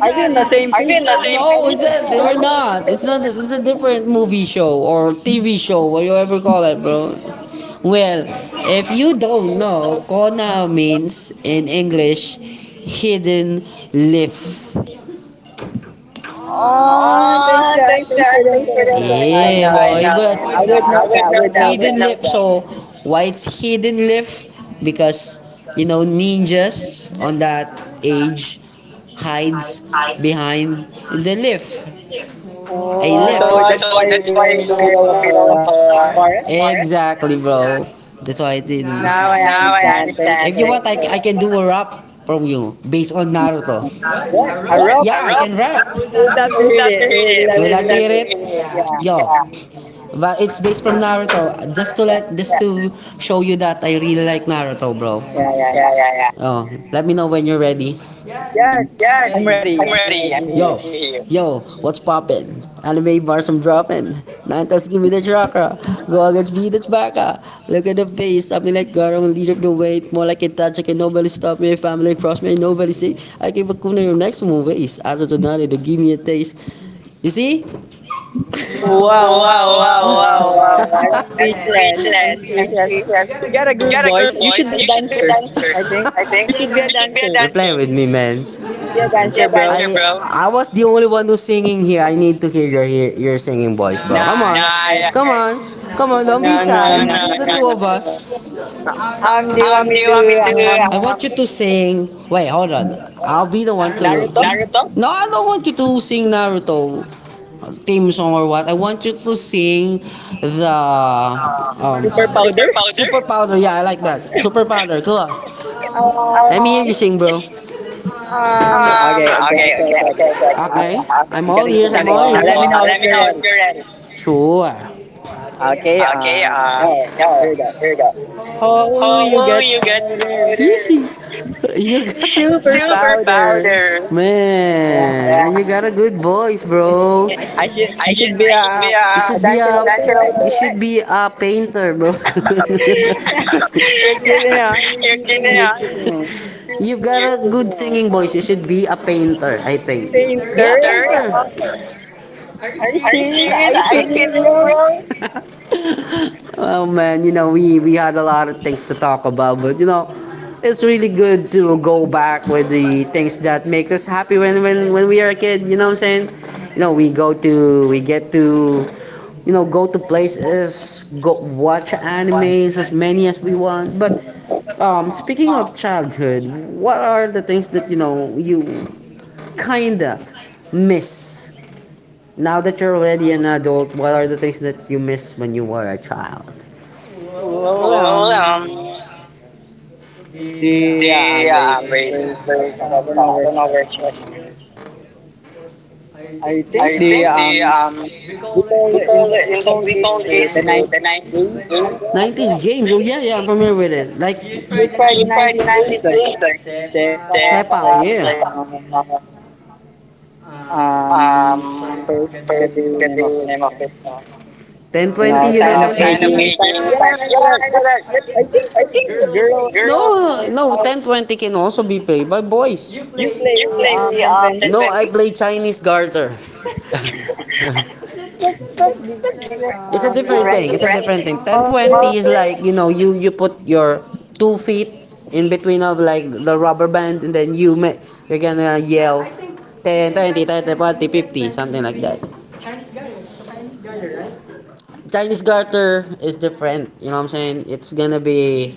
Speaker 2: Are we on the same page? Yeah, yeah. Are
Speaker 1: no,
Speaker 2: we
Speaker 1: it's
Speaker 2: on the same
Speaker 1: a,
Speaker 2: page? You
Speaker 1: or
Speaker 2: know what
Speaker 1: not. It's not.
Speaker 2: I'm.
Speaker 1: It's a different movie show or TV show, whatever you ever call it, bro. Well, if you don't know, Kona means in English hidden leaf.
Speaker 2: Oh, thanks for
Speaker 1: Ah,
Speaker 2: that.
Speaker 1: guys.
Speaker 2: Thanks for the information. I
Speaker 1: Yeah, boy,
Speaker 2: know. Yeah, yeah. I would
Speaker 1: but
Speaker 2: know that. I would know that.
Speaker 1: so why it's hidden lift? Because you know ninjas on that age hides behind the lift. A
Speaker 2: Oh, so that's
Speaker 1: lift.
Speaker 2: why they're in the middle of a forest.
Speaker 1: Exactly, bro. That's why it's hidden.
Speaker 2: Now I understand. Thank you for
Speaker 1: I
Speaker 2: that.
Speaker 1: can do a rap from you based on Naruto.
Speaker 2: What? A rope?
Speaker 1: I can rap.
Speaker 2: We'd love to hear it. We'd love to hear
Speaker 1: Tirit.
Speaker 2: it. Yeah.
Speaker 1: Yo, but it's based from Naruto. Just to
Speaker 2: Yeah.
Speaker 1: let, just to show you that I really like Naruto, bro.
Speaker 2: Yeah. Yeah.
Speaker 1: Yeah,
Speaker 2: Yeah.
Speaker 1: yeah, yeah. Oh, let me know when you're ready.
Speaker 2: Yeah.
Speaker 1: Yeah,
Speaker 2: I'm ready.
Speaker 1: I'm
Speaker 2: I'm
Speaker 1: ready.
Speaker 2: ready
Speaker 1: I'm,
Speaker 2: to hear.
Speaker 1: yo, ready, yo, what's poppin'? Anime bars I'm dropping. Nintas give me the chakra. Go against me, that's baka. Look at the face, something like Garam, lead up the weight. More like a touch, I can nobody stop me. Family cross me, nobody see. I give a kuna your next move is. I don't know, they give me a taste. You see?
Speaker 2: Wow.
Speaker 1: Wow,
Speaker 2: Wow. Wow. Wow. Wow.
Speaker 1: wow.
Speaker 2: I'm speechless. I'm
Speaker 1: Speechless.
Speaker 2: speechless. You got a good voice. You should be a dancer. I think
Speaker 1: I think.
Speaker 2: you should be a
Speaker 1: You should be a
Speaker 2: dancer.
Speaker 1: dancer. Reply with me, man.
Speaker 2: Good answer,
Speaker 1: Yeah.
Speaker 2: bro.
Speaker 1: I was the only one who's singing here. I need to hear your singing voice, bro. Come on. Nah,
Speaker 2: Nah, I,
Speaker 1: okay. Come on. Come on, don't be
Speaker 2: no, no,
Speaker 1: shy.
Speaker 2: no, no,
Speaker 1: Two of
Speaker 2: no,
Speaker 1: us.
Speaker 2: no. Do you
Speaker 1: Ah,
Speaker 2: want me to um
Speaker 1: I want you to sing. Wait, hold on. I'll be the one to.
Speaker 2: Naruto
Speaker 1: No, I don't want you to sing Naruto theme song or what. I want you to sing the
Speaker 2: super
Speaker 1: um
Speaker 2: powder?
Speaker 1: Super Powder. Yeah, I like that. Super Powder. Cool. Let me hear you
Speaker 2: Yes.
Speaker 1: sing, bro.
Speaker 2: Okay, okay,
Speaker 1: Okay,
Speaker 2: okay,
Speaker 1: okay,
Speaker 2: okay, okay,
Speaker 1: okay,
Speaker 2: okay.
Speaker 1: okay. Okay, I'm
Speaker 2: I'm
Speaker 1: all
Speaker 2: gonna give
Speaker 1: ears, I'm
Speaker 2: example.
Speaker 1: all ears.
Speaker 2: Let me know if you're ready.
Speaker 1: Sure.
Speaker 2: Okay.
Speaker 1: Okay,
Speaker 2: Yeah, all right, here
Speaker 1: yeah,
Speaker 2: we go.
Speaker 1: here we go.
Speaker 2: Oh,
Speaker 1: Whole
Speaker 2: you got powder,
Speaker 1: powder, you got,
Speaker 2: super
Speaker 1: super
Speaker 2: powder.
Speaker 1: powder,
Speaker 2: Yeah.
Speaker 1: man, yeah. You got a good voice, bro. I
Speaker 2: I should be
Speaker 1: should, yeah. You
Speaker 2: a
Speaker 1: should be
Speaker 2: dancer
Speaker 1: a,
Speaker 2: also, right?
Speaker 1: you should be a painter, bro.
Speaker 2: You're kidding, huh? You're
Speaker 1: Okay,
Speaker 2: kidding me. You're kidding me.
Speaker 1: you've got a good singing voice. You should be a painter, I think. Yeah,
Speaker 2: Painter? Um,
Speaker 1: painter.
Speaker 2: Are you
Speaker 1: Are you
Speaker 2: serious?
Speaker 1: serious?
Speaker 2: Are you
Speaker 1: I
Speaker 2: kidding me,
Speaker 1: think,
Speaker 2: bro?
Speaker 1: bro. Oh man, you know, we had a lot of things to talk about, but you know, it's really good to go back with the things that make us happy when we are a kid, you know what I'm saying? You know, we go to, we get to, you know, go to places, go watch animes as many as we want. But speaking of childhood, what are the things that, you know, you kinda miss now that you're already an adult? What are the things that you miss when you were a child?
Speaker 2: Well,
Speaker 1: Well,
Speaker 2: the
Speaker 1: the
Speaker 2: wait,
Speaker 1: wait,
Speaker 2: where should I
Speaker 1: wait, I
Speaker 2: start? I
Speaker 1: don't
Speaker 2: don't know where
Speaker 1: know
Speaker 2: should I
Speaker 1: where
Speaker 2: start.
Speaker 1: she was.
Speaker 2: I think
Speaker 1: I,
Speaker 2: the
Speaker 1: we
Speaker 2: we
Speaker 1: call it
Speaker 2: call it in the we
Speaker 1: in the,
Speaker 2: call
Speaker 1: we
Speaker 2: it
Speaker 1: call it
Speaker 2: the
Speaker 1: the
Speaker 2: 90s
Speaker 1: nineties
Speaker 2: games like
Speaker 1: game.
Speaker 2: that.
Speaker 1: 90s games. Oh yeah, yeah, I'm familiar with it. Like,
Speaker 2: Have
Speaker 1: we
Speaker 2: you tried the
Speaker 1: tried the
Speaker 2: 90s games
Speaker 1: nineties
Speaker 2: like
Speaker 1: games, like,
Speaker 2: Sepak, like
Speaker 1: Sepak, yeah. Like, uh, um,
Speaker 2: um, I
Speaker 1: I
Speaker 2: I forget the
Speaker 1: forget
Speaker 2: name
Speaker 1: the
Speaker 2: of it.
Speaker 1: name of it.
Speaker 2: You
Speaker 1: 1020,
Speaker 2: know,
Speaker 1: you know,
Speaker 2: sign of
Speaker 1: 1020.
Speaker 2: aging. Sign, yeah,
Speaker 1: Like,
Speaker 2: I know that.
Speaker 1: yeah, I know that.
Speaker 2: I think that's for girls.
Speaker 1: No, no, 1020 can also be played by boys.
Speaker 2: You
Speaker 1: You
Speaker 2: play
Speaker 1: play
Speaker 2: ten
Speaker 1: the,
Speaker 2: twenty?
Speaker 1: no, I play Chinese garter.
Speaker 2: 20? That's different. That's
Speaker 1: It's a different thing. It's a
Speaker 2: different.
Speaker 1: different thing.
Speaker 2: Also,
Speaker 1: 1020 is like, you know, you put your two feet in between of like the rubber band, and then you're gonna yell
Speaker 2: but I think
Speaker 1: ten,
Speaker 2: in,
Speaker 1: 20
Speaker 2: in,
Speaker 1: 30
Speaker 2: 20,
Speaker 1: 40
Speaker 2: twenty in
Speaker 1: 50,
Speaker 2: 10
Speaker 1: something like
Speaker 2: 20
Speaker 1: that.
Speaker 2: we use Chinese garter, right?
Speaker 1: Chinese garter is different. You know what I'm saying? It's gonna be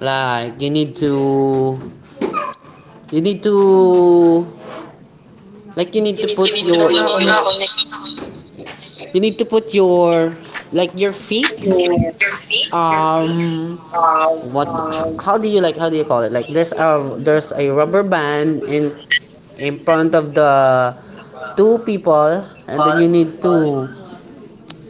Speaker 1: like you need to like you need to put your,
Speaker 2: Well,
Speaker 1: you need to put your like your feet, um what, how do you, like, how do you call it, like there's a, there's a rubber band in front of the two people, and then you need to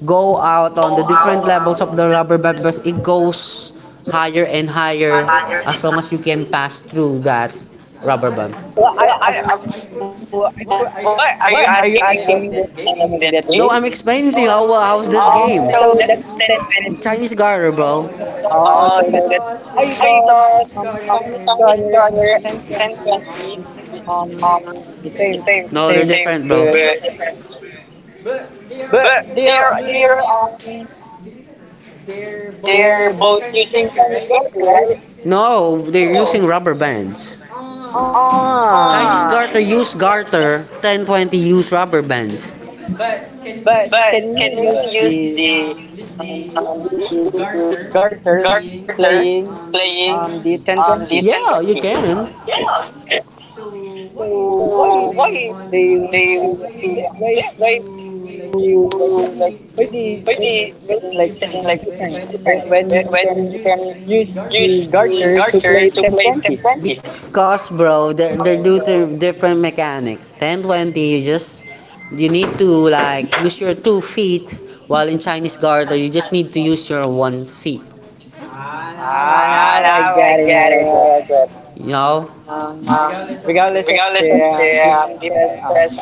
Speaker 1: go out on the different levels of the rubber band because it goes higher and higher as long as you can pass through that rubber band.
Speaker 2: I, uh,
Speaker 1: Well, I've
Speaker 2: so I put,
Speaker 1: what
Speaker 2: what are
Speaker 1: are you
Speaker 2: you
Speaker 1: asking
Speaker 2: asking me?
Speaker 1: me,
Speaker 2: What's
Speaker 1: what
Speaker 2: the name of
Speaker 1: name
Speaker 2: that
Speaker 1: of that
Speaker 2: game?
Speaker 1: game? No, I'm explaining to you how how's
Speaker 2: Oh,
Speaker 1: that, oh, game.
Speaker 2: so that's
Speaker 1: So that's that.
Speaker 2: 1020.
Speaker 1: Chinese Garter, bro.
Speaker 2: Oh, so that's
Speaker 1: Oh, so that.
Speaker 2: I thought
Speaker 1: I thought
Speaker 2: um Chinese Garter
Speaker 1: Sonic Color
Speaker 2: and ten
Speaker 1: and
Speaker 2: twenty is
Speaker 1: 20
Speaker 2: um
Speaker 1: um
Speaker 2: the same
Speaker 1: the
Speaker 2: is the
Speaker 1: same. No,
Speaker 2: same,
Speaker 1: they're same, different,
Speaker 2: but
Speaker 1: bro. But,
Speaker 2: But
Speaker 1: but
Speaker 2: they're they're um
Speaker 1: they're
Speaker 2: they're
Speaker 1: both
Speaker 2: both
Speaker 1: Chinese
Speaker 2: using Chinese
Speaker 1: Garter,
Speaker 2: garter, right?
Speaker 1: right? No, they're using, oh, rubber bands. Oh, Chinese
Speaker 2: Um,
Speaker 1: Garter use Garter, 1020 use rubber bands.
Speaker 2: but can
Speaker 1: But
Speaker 2: you
Speaker 1: can we use the
Speaker 2: use
Speaker 1: um,
Speaker 2: the garter
Speaker 1: character
Speaker 2: playing
Speaker 1: playing
Speaker 2: the
Speaker 1: the,
Speaker 2: 1020?
Speaker 1: yeah, you sentences? Can. Yeah. So
Speaker 2: So why
Speaker 1: why
Speaker 2: they want
Speaker 1: they,
Speaker 2: to they why
Speaker 1: yeah, why
Speaker 2: you
Speaker 1: you
Speaker 2: like
Speaker 1: like, why
Speaker 2: why
Speaker 1: they
Speaker 2: they
Speaker 1: make
Speaker 2: saying like
Speaker 1: it
Speaker 2: it's
Speaker 1: like it's
Speaker 2: different
Speaker 1: different
Speaker 2: when you
Speaker 1: when
Speaker 2: can
Speaker 1: you can
Speaker 2: use
Speaker 1: use
Speaker 2: the
Speaker 1: the
Speaker 2: garter to
Speaker 1: garter.
Speaker 2: play 1020?
Speaker 1: Because bro, they're due to different mechanics. 1020, you need to like use your two feet, while in Chinese garter you just need to use your one feet.
Speaker 2: Ah, now I
Speaker 1: Now I
Speaker 2: get it.
Speaker 1: get it.
Speaker 2: Now I get
Speaker 1: Now
Speaker 2: it.
Speaker 1: I get it. You know?
Speaker 2: Um, Regardless of the differences,
Speaker 1: Yes,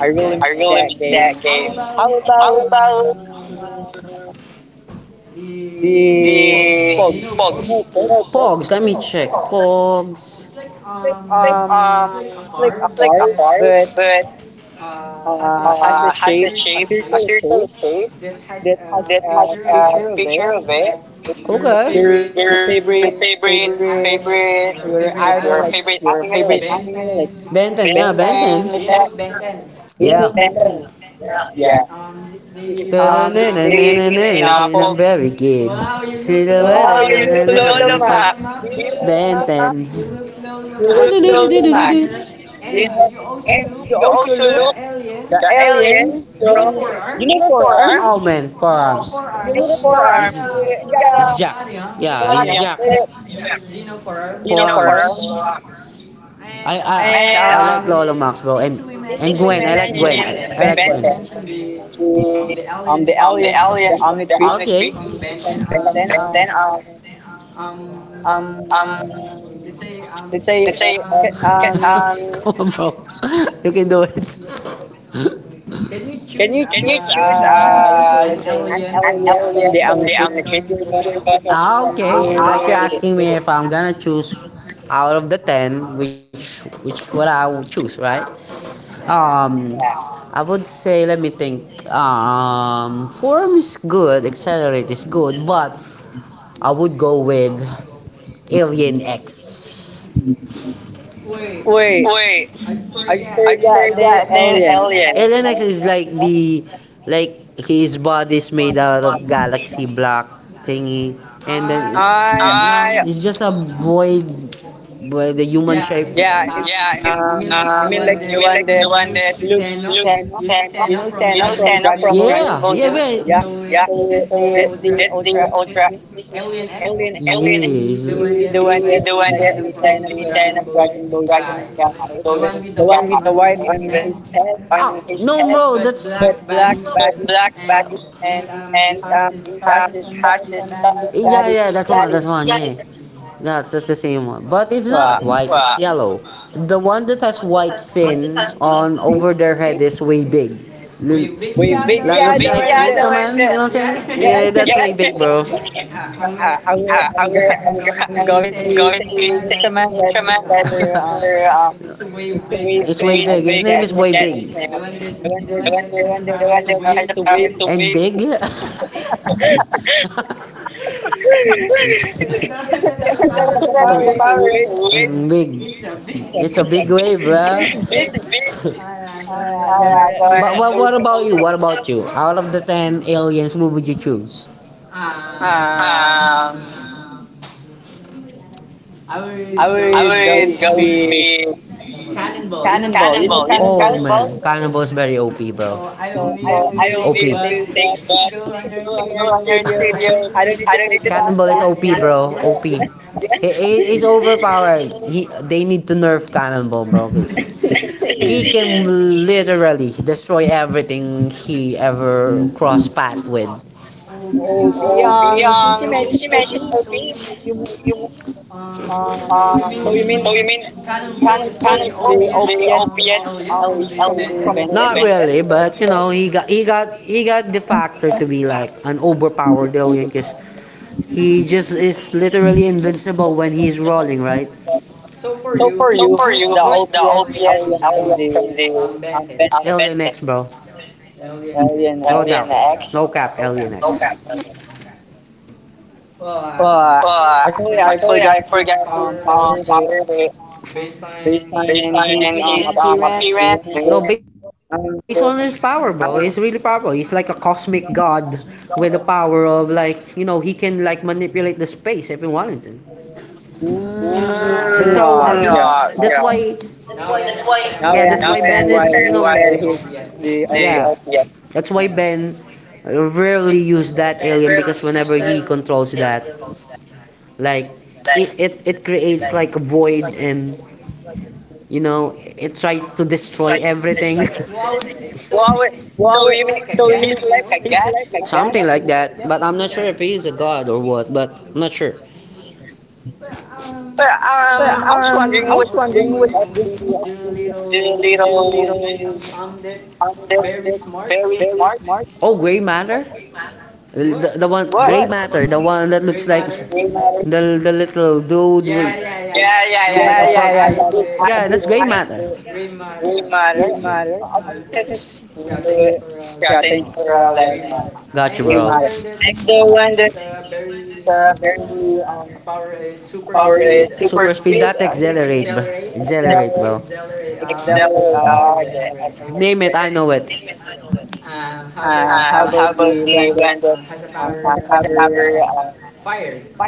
Speaker 2: I really
Speaker 1: I
Speaker 2: miss
Speaker 1: really
Speaker 2: that
Speaker 1: miss that
Speaker 2: game.
Speaker 1: game.
Speaker 2: How about um, the
Speaker 1: The
Speaker 2: Pogs? You know Pogs?
Speaker 1: Pogs, let me check. Pogs.
Speaker 2: It's like um, it's like a card, but has a shape, a circle
Speaker 1: Turtle
Speaker 2: shape
Speaker 1: Cave?
Speaker 2: that has a picture of
Speaker 1: Picture
Speaker 2: it.
Speaker 1: of it.
Speaker 2: Like your favorite, your idol, like
Speaker 1: Favorite
Speaker 2: your
Speaker 1: your anime?
Speaker 2: favorite
Speaker 1: Favorite anime,
Speaker 2: anime, like
Speaker 1: like
Speaker 2: Ben
Speaker 1: Benton,
Speaker 2: 10, like
Speaker 1: yeah,
Speaker 2: that.
Speaker 1: Benton.
Speaker 2: You know Ben
Speaker 1: Yeah.
Speaker 2: 10?
Speaker 1: Benton.
Speaker 2: Yeah.
Speaker 1: Yeah. Yeah.
Speaker 2: They been in a ginanapob.
Speaker 1: I'm very good.
Speaker 2: Wow, you look Lolo
Speaker 1: Yun
Speaker 2: Mac.
Speaker 1: yung slow.
Speaker 2: Do
Speaker 1: Benton.
Speaker 2: you know
Speaker 1: You
Speaker 2: Lolo
Speaker 1: look
Speaker 2: Mac?
Speaker 1: Ben the map. Ten. Look low the.
Speaker 2: You look Lolo
Speaker 1: You
Speaker 2: Mac. Do
Speaker 1: map. Look low the
Speaker 2: you know? And you
Speaker 1: map. You
Speaker 2: also
Speaker 1: also
Speaker 2: look
Speaker 1: look
Speaker 2: the
Speaker 1: the
Speaker 2: alien
Speaker 1: alien. You look
Speaker 2: from, Four
Speaker 1: for
Speaker 2: Arms?
Speaker 1: forearms.
Speaker 2: Um, You
Speaker 1: Forearm. You
Speaker 2: look Four Arms. You got a
Speaker 1: it Jack.
Speaker 2: big
Speaker 1: Yeah,
Speaker 2: body,
Speaker 1: he's
Speaker 2: huh?
Speaker 1: Jack.
Speaker 2: Do you know, Four Arms.
Speaker 1: I I,
Speaker 2: And
Speaker 1: I like Lolo Maxwell and
Speaker 2: since we
Speaker 1: Gwen. I like
Speaker 2: mentioned
Speaker 1: Gwen. Like
Speaker 2: Ben 10, since we
Speaker 1: Gwen.
Speaker 2: mentioned the
Speaker 1: The
Speaker 2: aliens from the
Speaker 1: aliens. The.
Speaker 2: Omnitrix
Speaker 1: Okay.
Speaker 2: from Ben 10,
Speaker 1: Then
Speaker 2: um
Speaker 1: um
Speaker 2: let's say,
Speaker 1: let's say,
Speaker 2: can, um,
Speaker 1: come on, bro. You can do it.
Speaker 2: can you choose,
Speaker 1: Choose
Speaker 2: let's say, an alien from the
Speaker 1: aliens from the.
Speaker 2: Omnitrix if you're about to choose
Speaker 1: Ah,
Speaker 2: a
Speaker 1: okay. Like you're
Speaker 2: a-
Speaker 1: asking me if I'm gonna choose out of the 10, which what I would choose, right? Um,
Speaker 2: yeah.
Speaker 1: I would say let me think. Form is good, accelerate is good, but I would go with Alien X.
Speaker 2: Wait, I forgot the
Speaker 1: And then
Speaker 2: alien.
Speaker 1: alien. X is
Speaker 2: What?
Speaker 1: like the like his body's made out of galaxy block thingy, and then
Speaker 2: I
Speaker 1: I it's just a void, where the human shape.
Speaker 2: yeah. You mean like the one that looks Thanos? You know Thanos
Speaker 1: Yeah,
Speaker 2: from
Speaker 1: Dragon
Speaker 2: Dragon Ball Z?
Speaker 1: Ball, yeah,
Speaker 2: Yeah.
Speaker 1: well,
Speaker 2: So that's the ultra
Speaker 1: the yeah,
Speaker 2: alien. The one that looks like the China from Dragon Ball Z. Yeah, I remember it. The one
Speaker 1: Ball,
Speaker 2: with the white on his head,
Speaker 1: no. Yeah, bro, that's
Speaker 2: but black body, and the has the stars on his body.
Speaker 1: yeah. Yeah, that's one, yeah, yeah. That's the same one. But it's not
Speaker 2: Wow.
Speaker 1: white. Wow. It's yellow. The one that has white fin on
Speaker 2: The,
Speaker 1: over their head is way big. L-
Speaker 2: we big
Speaker 1: That
Speaker 2: yeah,
Speaker 1: looks
Speaker 2: the one that
Speaker 1: Ultraman. You know what I'm saying? Yeah,
Speaker 2: yeah.
Speaker 1: that's way big, bro.
Speaker 2: I will,
Speaker 1: I
Speaker 2: I'm, go, I'm,
Speaker 1: will,
Speaker 2: I'm going to
Speaker 1: Going to
Speaker 2: say
Speaker 1: say
Speaker 2: Ultraman that
Speaker 1: Ultraman
Speaker 2: were
Speaker 1: that your
Speaker 2: It's a wave
Speaker 1: It's
Speaker 2: big.
Speaker 1: way
Speaker 2: I
Speaker 1: big. His name
Speaker 2: forget
Speaker 1: is
Speaker 2: his
Speaker 1: way
Speaker 2: name.
Speaker 1: big.
Speaker 2: The one that the one that has the power to wave.
Speaker 1: And big?
Speaker 2: The one that has the power to wave.
Speaker 1: And big.
Speaker 2: It's a
Speaker 1: It's a big
Speaker 2: big,
Speaker 1: wave, bro.
Speaker 2: it's big. Going looks
Speaker 1: But what about you?
Speaker 2: ultimate.
Speaker 1: What about you? Out of the 10 aliens, who would you choose?
Speaker 2: Um,
Speaker 1: Um,
Speaker 2: I would go with Cannonball. You know
Speaker 1: Cannonball. You know, oh,
Speaker 2: Cannonball?
Speaker 1: cannonball? Man, cannonball is very OP, bro.
Speaker 2: So I don't need to
Speaker 1: Okay.
Speaker 2: take
Speaker 1: Take
Speaker 2: bus to go on your
Speaker 1: on your
Speaker 2: studio.
Speaker 1: studio.
Speaker 2: I don't need
Speaker 1: I
Speaker 2: to
Speaker 1: don't need
Speaker 2: take
Speaker 1: to.
Speaker 2: bus.
Speaker 1: Cannibal is
Speaker 2: Just
Speaker 1: OP,
Speaker 2: go.
Speaker 1: bro. OP.
Speaker 2: Yeah.
Speaker 1: Overpowered. They need to nerf cannonball, bro, because he can literally destroy everything he ever cross path with.
Speaker 2: OB.
Speaker 1: Obi,
Speaker 2: Since you
Speaker 1: since you
Speaker 2: mentioned
Speaker 1: mentioned
Speaker 2: OB,
Speaker 1: Obi,
Speaker 2: so you
Speaker 1: um,
Speaker 2: um, so you
Speaker 1: so you
Speaker 2: mean
Speaker 1: mean
Speaker 2: Cannonball is the OPS
Speaker 1: Obi,
Speaker 2: alien
Speaker 1: um,
Speaker 2: from the
Speaker 1: not
Speaker 2: Benton?
Speaker 1: really, but you know, he got the factor to be like an overpowered alien because he just is literally invincible when he's rolling, right?
Speaker 2: So for you, who's the OPS alien from the Benton?
Speaker 1: Alien X, bro.
Speaker 2: Alien
Speaker 1: No
Speaker 2: X?
Speaker 1: doubt. No cap, Alien X. Okay.
Speaker 2: Uh,
Speaker 1: But,
Speaker 2: Actually, I forgot his
Speaker 1: um,
Speaker 2: power,
Speaker 1: anyway,
Speaker 2: based on his appearance. Do you
Speaker 1: no,
Speaker 2: remember?
Speaker 1: based on his power,
Speaker 2: Um,
Speaker 1: bro. He's really powerful. He's like a cosmic god with the power of, like, you know, he can like manipulate the space if he wanted to. That's how. That's
Speaker 2: yeah.
Speaker 1: why.
Speaker 2: Now
Speaker 1: Yeah,
Speaker 2: I
Speaker 1: that's why
Speaker 2: understand
Speaker 1: Ben
Speaker 2: why
Speaker 1: is, you
Speaker 2: you said
Speaker 1: know.
Speaker 2: he's the OPS.
Speaker 1: Yeah, that's why Ben rarely use that alien because whenever he controls that, like it creates like a void, and you know it tries to destroy everything.
Speaker 2: Well,
Speaker 1: Well,
Speaker 2: wait,
Speaker 1: so
Speaker 2: so
Speaker 1: we
Speaker 2: you mean he's like
Speaker 1: like
Speaker 2: a god,
Speaker 1: that.
Speaker 2: you know? Like
Speaker 1: Something
Speaker 2: that?
Speaker 1: like that, but I'm not sure if he is a god or what, but I'm not sure.
Speaker 2: But
Speaker 1: But
Speaker 2: I
Speaker 1: just
Speaker 2: was
Speaker 1: wondering what
Speaker 2: wondering what's the name of
Speaker 1: the,
Speaker 2: the,
Speaker 1: little,
Speaker 2: little man
Speaker 1: um,
Speaker 2: on that
Speaker 1: very
Speaker 2: very
Speaker 1: smart...
Speaker 2: smart.
Speaker 1: Oh, gray matter? The one, what? Gray
Speaker 2: What?
Speaker 1: matter, the one that looks gray like
Speaker 2: Gray
Speaker 1: matter.
Speaker 2: matter?
Speaker 1: The little dude. Yeah, with, yeah. Yeah,
Speaker 2: Yeah,
Speaker 1: yeah.
Speaker 2: yeah, yeah, yeah. There's such a
Speaker 1: Like,
Speaker 2: big
Speaker 1: yeah, that's
Speaker 2: eye
Speaker 1: gray matter.
Speaker 2: there.
Speaker 1: Gray
Speaker 2: Gray
Speaker 1: matter.
Speaker 2: matter. I think that's
Speaker 1: It's,
Speaker 2: just the, yeah,
Speaker 1: yeah,
Speaker 2: thank you
Speaker 1: thank you
Speaker 2: for
Speaker 1: for
Speaker 2: letting me
Speaker 1: letting.
Speaker 2: know.
Speaker 1: Got you,
Speaker 2: Gray
Speaker 1: bro.
Speaker 2: matter. And the
Speaker 1: The
Speaker 2: one
Speaker 1: one that's,
Speaker 2: that's very,
Speaker 1: very,
Speaker 2: power is super
Speaker 1: super speed,
Speaker 2: speed.
Speaker 1: not,
Speaker 2: I think it's accelerate. Accelerate. Oh, yeah. I
Speaker 1: yeah.
Speaker 2: can
Speaker 1: Name it, I know it.
Speaker 2: remember it. How
Speaker 1: How
Speaker 2: about
Speaker 1: about
Speaker 2: the
Speaker 1: the
Speaker 2: one
Speaker 1: one
Speaker 2: that,
Speaker 1: that
Speaker 2: has a
Speaker 1: the
Speaker 2: power,
Speaker 1: cover,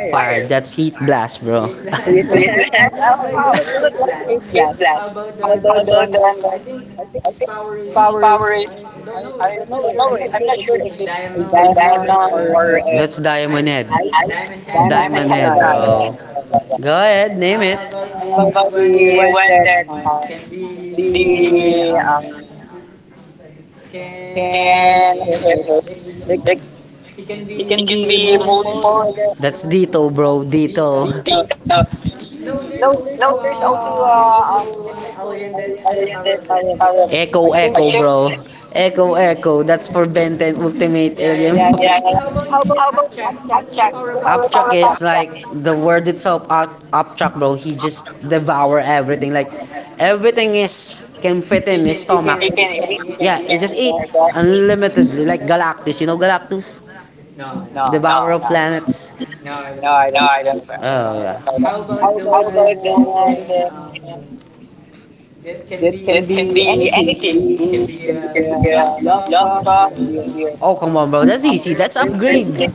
Speaker 1: fire?
Speaker 2: fire?
Speaker 1: That's heat blast, bro.
Speaker 2: Is that? Oh,
Speaker 1: Blast.
Speaker 2: wow, you look like you
Speaker 1: Heat
Speaker 2: escaped that.
Speaker 1: blast.
Speaker 2: How
Speaker 1: So
Speaker 2: about the
Speaker 1: then,
Speaker 2: one that, I think? Its power
Speaker 1: Power
Speaker 2: is,
Speaker 1: Rangers
Speaker 2: I don't know. I'm not sure if it's a diamond or
Speaker 1: or,
Speaker 2: a
Speaker 1: that's Diamond Head.
Speaker 2: head.
Speaker 1: Diamond
Speaker 2: Diamond
Speaker 1: Diamond
Speaker 2: head.
Speaker 1: Head,
Speaker 2: Yeah, yeah,
Speaker 1: bro.
Speaker 2: yeah,
Speaker 1: Go
Speaker 2: yeah, yeah.
Speaker 1: ahead, name it.
Speaker 2: About the one that,
Speaker 1: That,
Speaker 2: can
Speaker 1: the,
Speaker 2: be can
Speaker 1: can,
Speaker 2: like
Speaker 1: the.
Speaker 2: it
Speaker 1: It
Speaker 2: can
Speaker 1: can
Speaker 2: be
Speaker 1: be
Speaker 2: multiple,
Speaker 1: multiple,
Speaker 2: I
Speaker 1: I
Speaker 2: guess.
Speaker 1: guess. That's dito,
Speaker 2: You know,
Speaker 1: bro. Dito.
Speaker 2: be the power of it,
Speaker 1: Echo,
Speaker 2: I
Speaker 1: echo,
Speaker 2: think.
Speaker 1: bro. Echo, echo. That's for Ben 10 Ultimate Alien.
Speaker 2: Yeah, yeah,
Speaker 1: Yeah.
Speaker 2: yeah.
Speaker 1: How about Upchuck? Upchuck is like the word itself. Upchuck, bro. He just devour everything. Like everything is can fit in his stomach.
Speaker 2: Can eat. You can
Speaker 1: Yeah,
Speaker 2: eat,
Speaker 1: he
Speaker 2: and I
Speaker 1: just eat
Speaker 2: guess.
Speaker 1: unlimitedly. Like Galactus. You know Galactus,
Speaker 2: No, no,
Speaker 1: devourer of planets.
Speaker 2: no. I
Speaker 1: No,
Speaker 2: don't.
Speaker 1: I
Speaker 2: I
Speaker 1: don't.
Speaker 2: don't
Speaker 1: Oh
Speaker 2: know
Speaker 1: yeah.
Speaker 2: that. How about the one
Speaker 1: Uh,
Speaker 2: can that can
Speaker 1: can
Speaker 2: be
Speaker 1: be
Speaker 2: anything. We
Speaker 1: anything.
Speaker 2: can be a
Speaker 1: Yeah,
Speaker 2: laptop. It can be a,
Speaker 1: yeah. Oh, come on, bro.
Speaker 2: um,
Speaker 1: That's easy. That's upgrade.
Speaker 2: airplane.
Speaker 1: Yeah,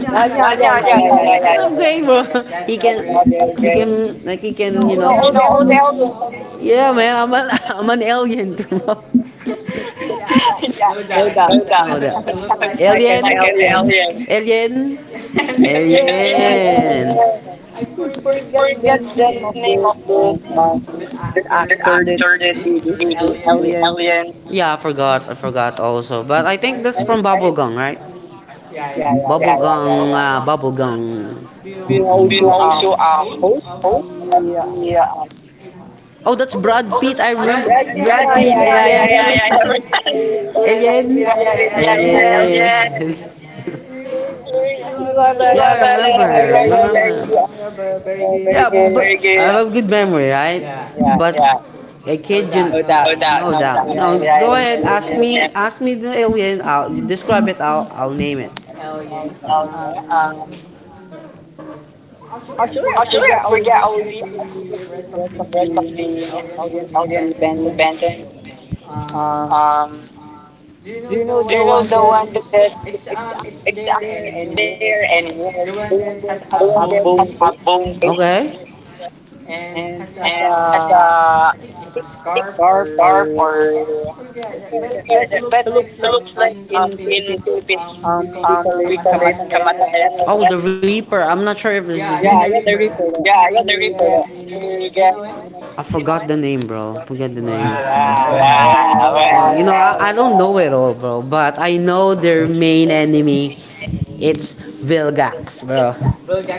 Speaker 2: Yeah, yeah,
Speaker 1: yeah,
Speaker 2: yeah,
Speaker 1: yeah,
Speaker 2: yeah,
Speaker 1: yeah,
Speaker 2: yeah, yeah,
Speaker 1: yeah.
Speaker 2: yeah, yeah,
Speaker 1: That's, yeah, upgrade, bro. He
Speaker 2: yeah.
Speaker 1: can,
Speaker 2: That's
Speaker 1: he
Speaker 2: okay.
Speaker 1: can, like, he can, you
Speaker 2: You know,
Speaker 1: know.
Speaker 2: all
Speaker 1: You
Speaker 2: the
Speaker 1: know,
Speaker 2: aliens.
Speaker 1: Odell.
Speaker 2: All the
Speaker 1: Yeah, man. I'm an,
Speaker 2: aliens.
Speaker 1: I'm an alien, too. Bro. Yeah,
Speaker 2: Yeah, no doubt,
Speaker 1: no. Oh,
Speaker 2: no
Speaker 1: doubt.
Speaker 2: doubt. You look
Speaker 1: That.
Speaker 2: like an
Speaker 1: Alien, like an
Speaker 2: alien.
Speaker 1: alien. Alien,
Speaker 2: Yeah, and,
Speaker 1: alien.
Speaker 2: forget the
Speaker 1: Forget
Speaker 2: name of
Speaker 1: the
Speaker 2: the,
Speaker 1: name of
Speaker 2: um, the
Speaker 1: the
Speaker 2: actor that
Speaker 1: actor that
Speaker 2: do this, the
Speaker 1: the
Speaker 2: alien.
Speaker 1: alien. Yeah, I forgot. I forgot also. But I think that's
Speaker 2: Right?
Speaker 1: from Bubblegum, right?
Speaker 2: Yeah, yeah, yeah, yeah,
Speaker 1: Bubblegum,
Speaker 2: yeah.
Speaker 1: bubblegum.
Speaker 2: We
Speaker 1: We
Speaker 2: also are
Speaker 1: also,
Speaker 2: host of
Speaker 1: oh,
Speaker 2: the,
Speaker 1: yeah, oh, that's Brad Pitt. I remember
Speaker 2: Red Media.
Speaker 1: Brad Pitt.
Speaker 2: Yeah,
Speaker 1: Yeah,
Speaker 2: yeah, yeah, yeah.
Speaker 1: alien. Yeah,
Speaker 2: Red
Speaker 1: alien.
Speaker 2: Media.
Speaker 1: Yeah,
Speaker 2: Yeah, oh, yeah.
Speaker 1: yeah, yeah. Alien.
Speaker 2: You have a
Speaker 1: Yeah, I
Speaker 2: lot of, you
Speaker 1: remember.
Speaker 2: have a very,
Speaker 1: Remember.
Speaker 2: you have
Speaker 1: Remember.
Speaker 2: a very
Speaker 1: Yeah,
Speaker 2: good.
Speaker 1: but I have good memory, right?
Speaker 2: Yeah,
Speaker 1: But, yeah, I can't. No.
Speaker 2: no
Speaker 1: You,
Speaker 2: doubt,
Speaker 1: no
Speaker 2: no
Speaker 1: doubt.
Speaker 2: doubt.
Speaker 1: No
Speaker 2: You
Speaker 1: doubt.
Speaker 2: had
Speaker 1: No,
Speaker 2: a
Speaker 1: yeah,
Speaker 2: very
Speaker 1: go, yeah, ahead.
Speaker 2: good
Speaker 1: Ask
Speaker 2: memory.
Speaker 1: me. Ask me the alien. I'll describe it. I'll name it.
Speaker 2: Oh, yeah.
Speaker 1: Okay,
Speaker 2: Actually, I
Speaker 1: actually,
Speaker 2: forget
Speaker 1: I
Speaker 2: all the,
Speaker 1: forget all
Speaker 2: I forget
Speaker 1: the
Speaker 2: the rest of
Speaker 1: rest of
Speaker 2: the audience,
Speaker 1: the
Speaker 2: the
Speaker 1: audience to
Speaker 2: Benton.
Speaker 1: Benton.
Speaker 2: Um,
Speaker 1: Um,
Speaker 2: do you know the one that? It's their animal. Like,
Speaker 1: Here and here.
Speaker 2: the one that has a bone face
Speaker 1: Boom. Okay.
Speaker 2: and has a, I
Speaker 1: Uh,
Speaker 2: think it's a scarf or
Speaker 1: or
Speaker 2: something like that. But it looks like, in Philippines, we call it kamatayan, like
Speaker 1: then,
Speaker 2: that.
Speaker 1: oh, the Reaper. I'm not sure if
Speaker 2: Yeah,
Speaker 1: it's.
Speaker 2: yeah, the reaper.
Speaker 1: Yeah, yeah, the
Speaker 2: We
Speaker 1: Reaper.
Speaker 2: get, do you know it?
Speaker 1: I forgot the name, bro. Forget the name.
Speaker 2: Wow, wow,
Speaker 1: Wow, wow. You
Speaker 2: wow,
Speaker 1: know, I
Speaker 2: wow.
Speaker 1: don't know it all, bro. But I know their main enemy. It's Vilgax, bro.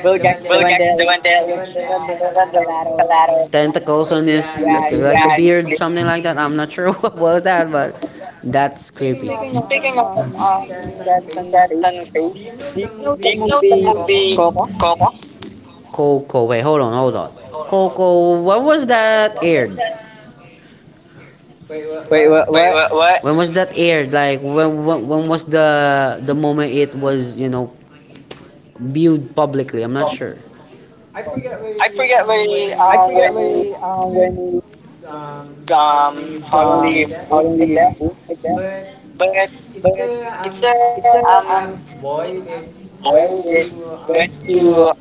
Speaker 2: Bulgak's the one
Speaker 1: Jack's
Speaker 2: that
Speaker 1: the one
Speaker 2: looks,
Speaker 1: that
Speaker 2: the one that has a lot of,
Speaker 1: tentacles on his, like,
Speaker 2: yeah,
Speaker 1: like
Speaker 2: and
Speaker 1: a
Speaker 2: it's
Speaker 1: beard, something like
Speaker 2: great.
Speaker 1: that. I'm not sure what was that, but that's creepy.
Speaker 2: Speaking of,
Speaker 1: Speaking of, Brenton
Speaker 2: skeleton face,
Speaker 1: Face,
Speaker 2: do you know the
Speaker 1: did you know the
Speaker 2: movie
Speaker 1: movie?
Speaker 2: Coco?
Speaker 1: Coco, wait, hold on, hold on. Coco, when was that aired?
Speaker 2: Wait, what?
Speaker 1: Wait,
Speaker 2: What?
Speaker 1: what? What? When was that aired? Like when was the moment it was, you know, viewed publicly? I'm not sure.
Speaker 2: I forget
Speaker 1: That
Speaker 2: where,
Speaker 1: way,
Speaker 2: when
Speaker 1: when,
Speaker 2: it, suddenly
Speaker 1: Holly
Speaker 2: boom
Speaker 1: moved,
Speaker 2: like
Speaker 1: I
Speaker 2: that.
Speaker 1: guess.
Speaker 2: But
Speaker 1: But,
Speaker 2: it's a, um
Speaker 1: uh,
Speaker 2: this boy that
Speaker 1: well, they
Speaker 2: went
Speaker 1: went
Speaker 2: to,
Speaker 1: to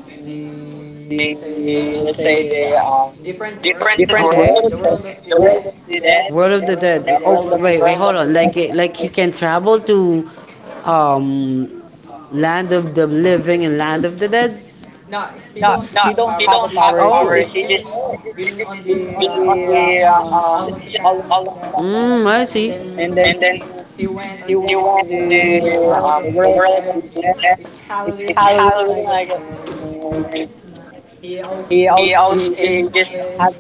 Speaker 2: the, let's say
Speaker 1: let's
Speaker 2: the,
Speaker 1: say the,
Speaker 2: different
Speaker 1: okay,
Speaker 2: world,
Speaker 1: world
Speaker 2: the world of
Speaker 1: of
Speaker 2: the
Speaker 1: the
Speaker 2: dead,
Speaker 1: dead. World
Speaker 2: the
Speaker 1: of the Dead. Oh,
Speaker 2: world of the
Speaker 1: wait,
Speaker 2: dead,
Speaker 1: hold on.
Speaker 2: and...
Speaker 1: Like like he can travel to, um land of the living and land of the dead.
Speaker 2: No, she don't have a
Speaker 1: Oh.
Speaker 2: power. She
Speaker 1: Power. Oh.
Speaker 2: just
Speaker 1: He just
Speaker 2: she just been on
Speaker 1: on
Speaker 2: the,
Speaker 1: the,
Speaker 2: she just all of
Speaker 1: all of
Speaker 2: the
Speaker 1: them.
Speaker 2: time, like
Speaker 1: Mm, I see.
Speaker 2: that. And then
Speaker 1: And then
Speaker 2: she went on the
Speaker 1: the
Speaker 2: um the world of the
Speaker 1: the
Speaker 2: dead.
Speaker 1: next
Speaker 2: It's Halloween, I
Speaker 1: Halloween, I
Speaker 2: guess.
Speaker 1: guess. Uh,
Speaker 2: And
Speaker 1: he-
Speaker 2: he just has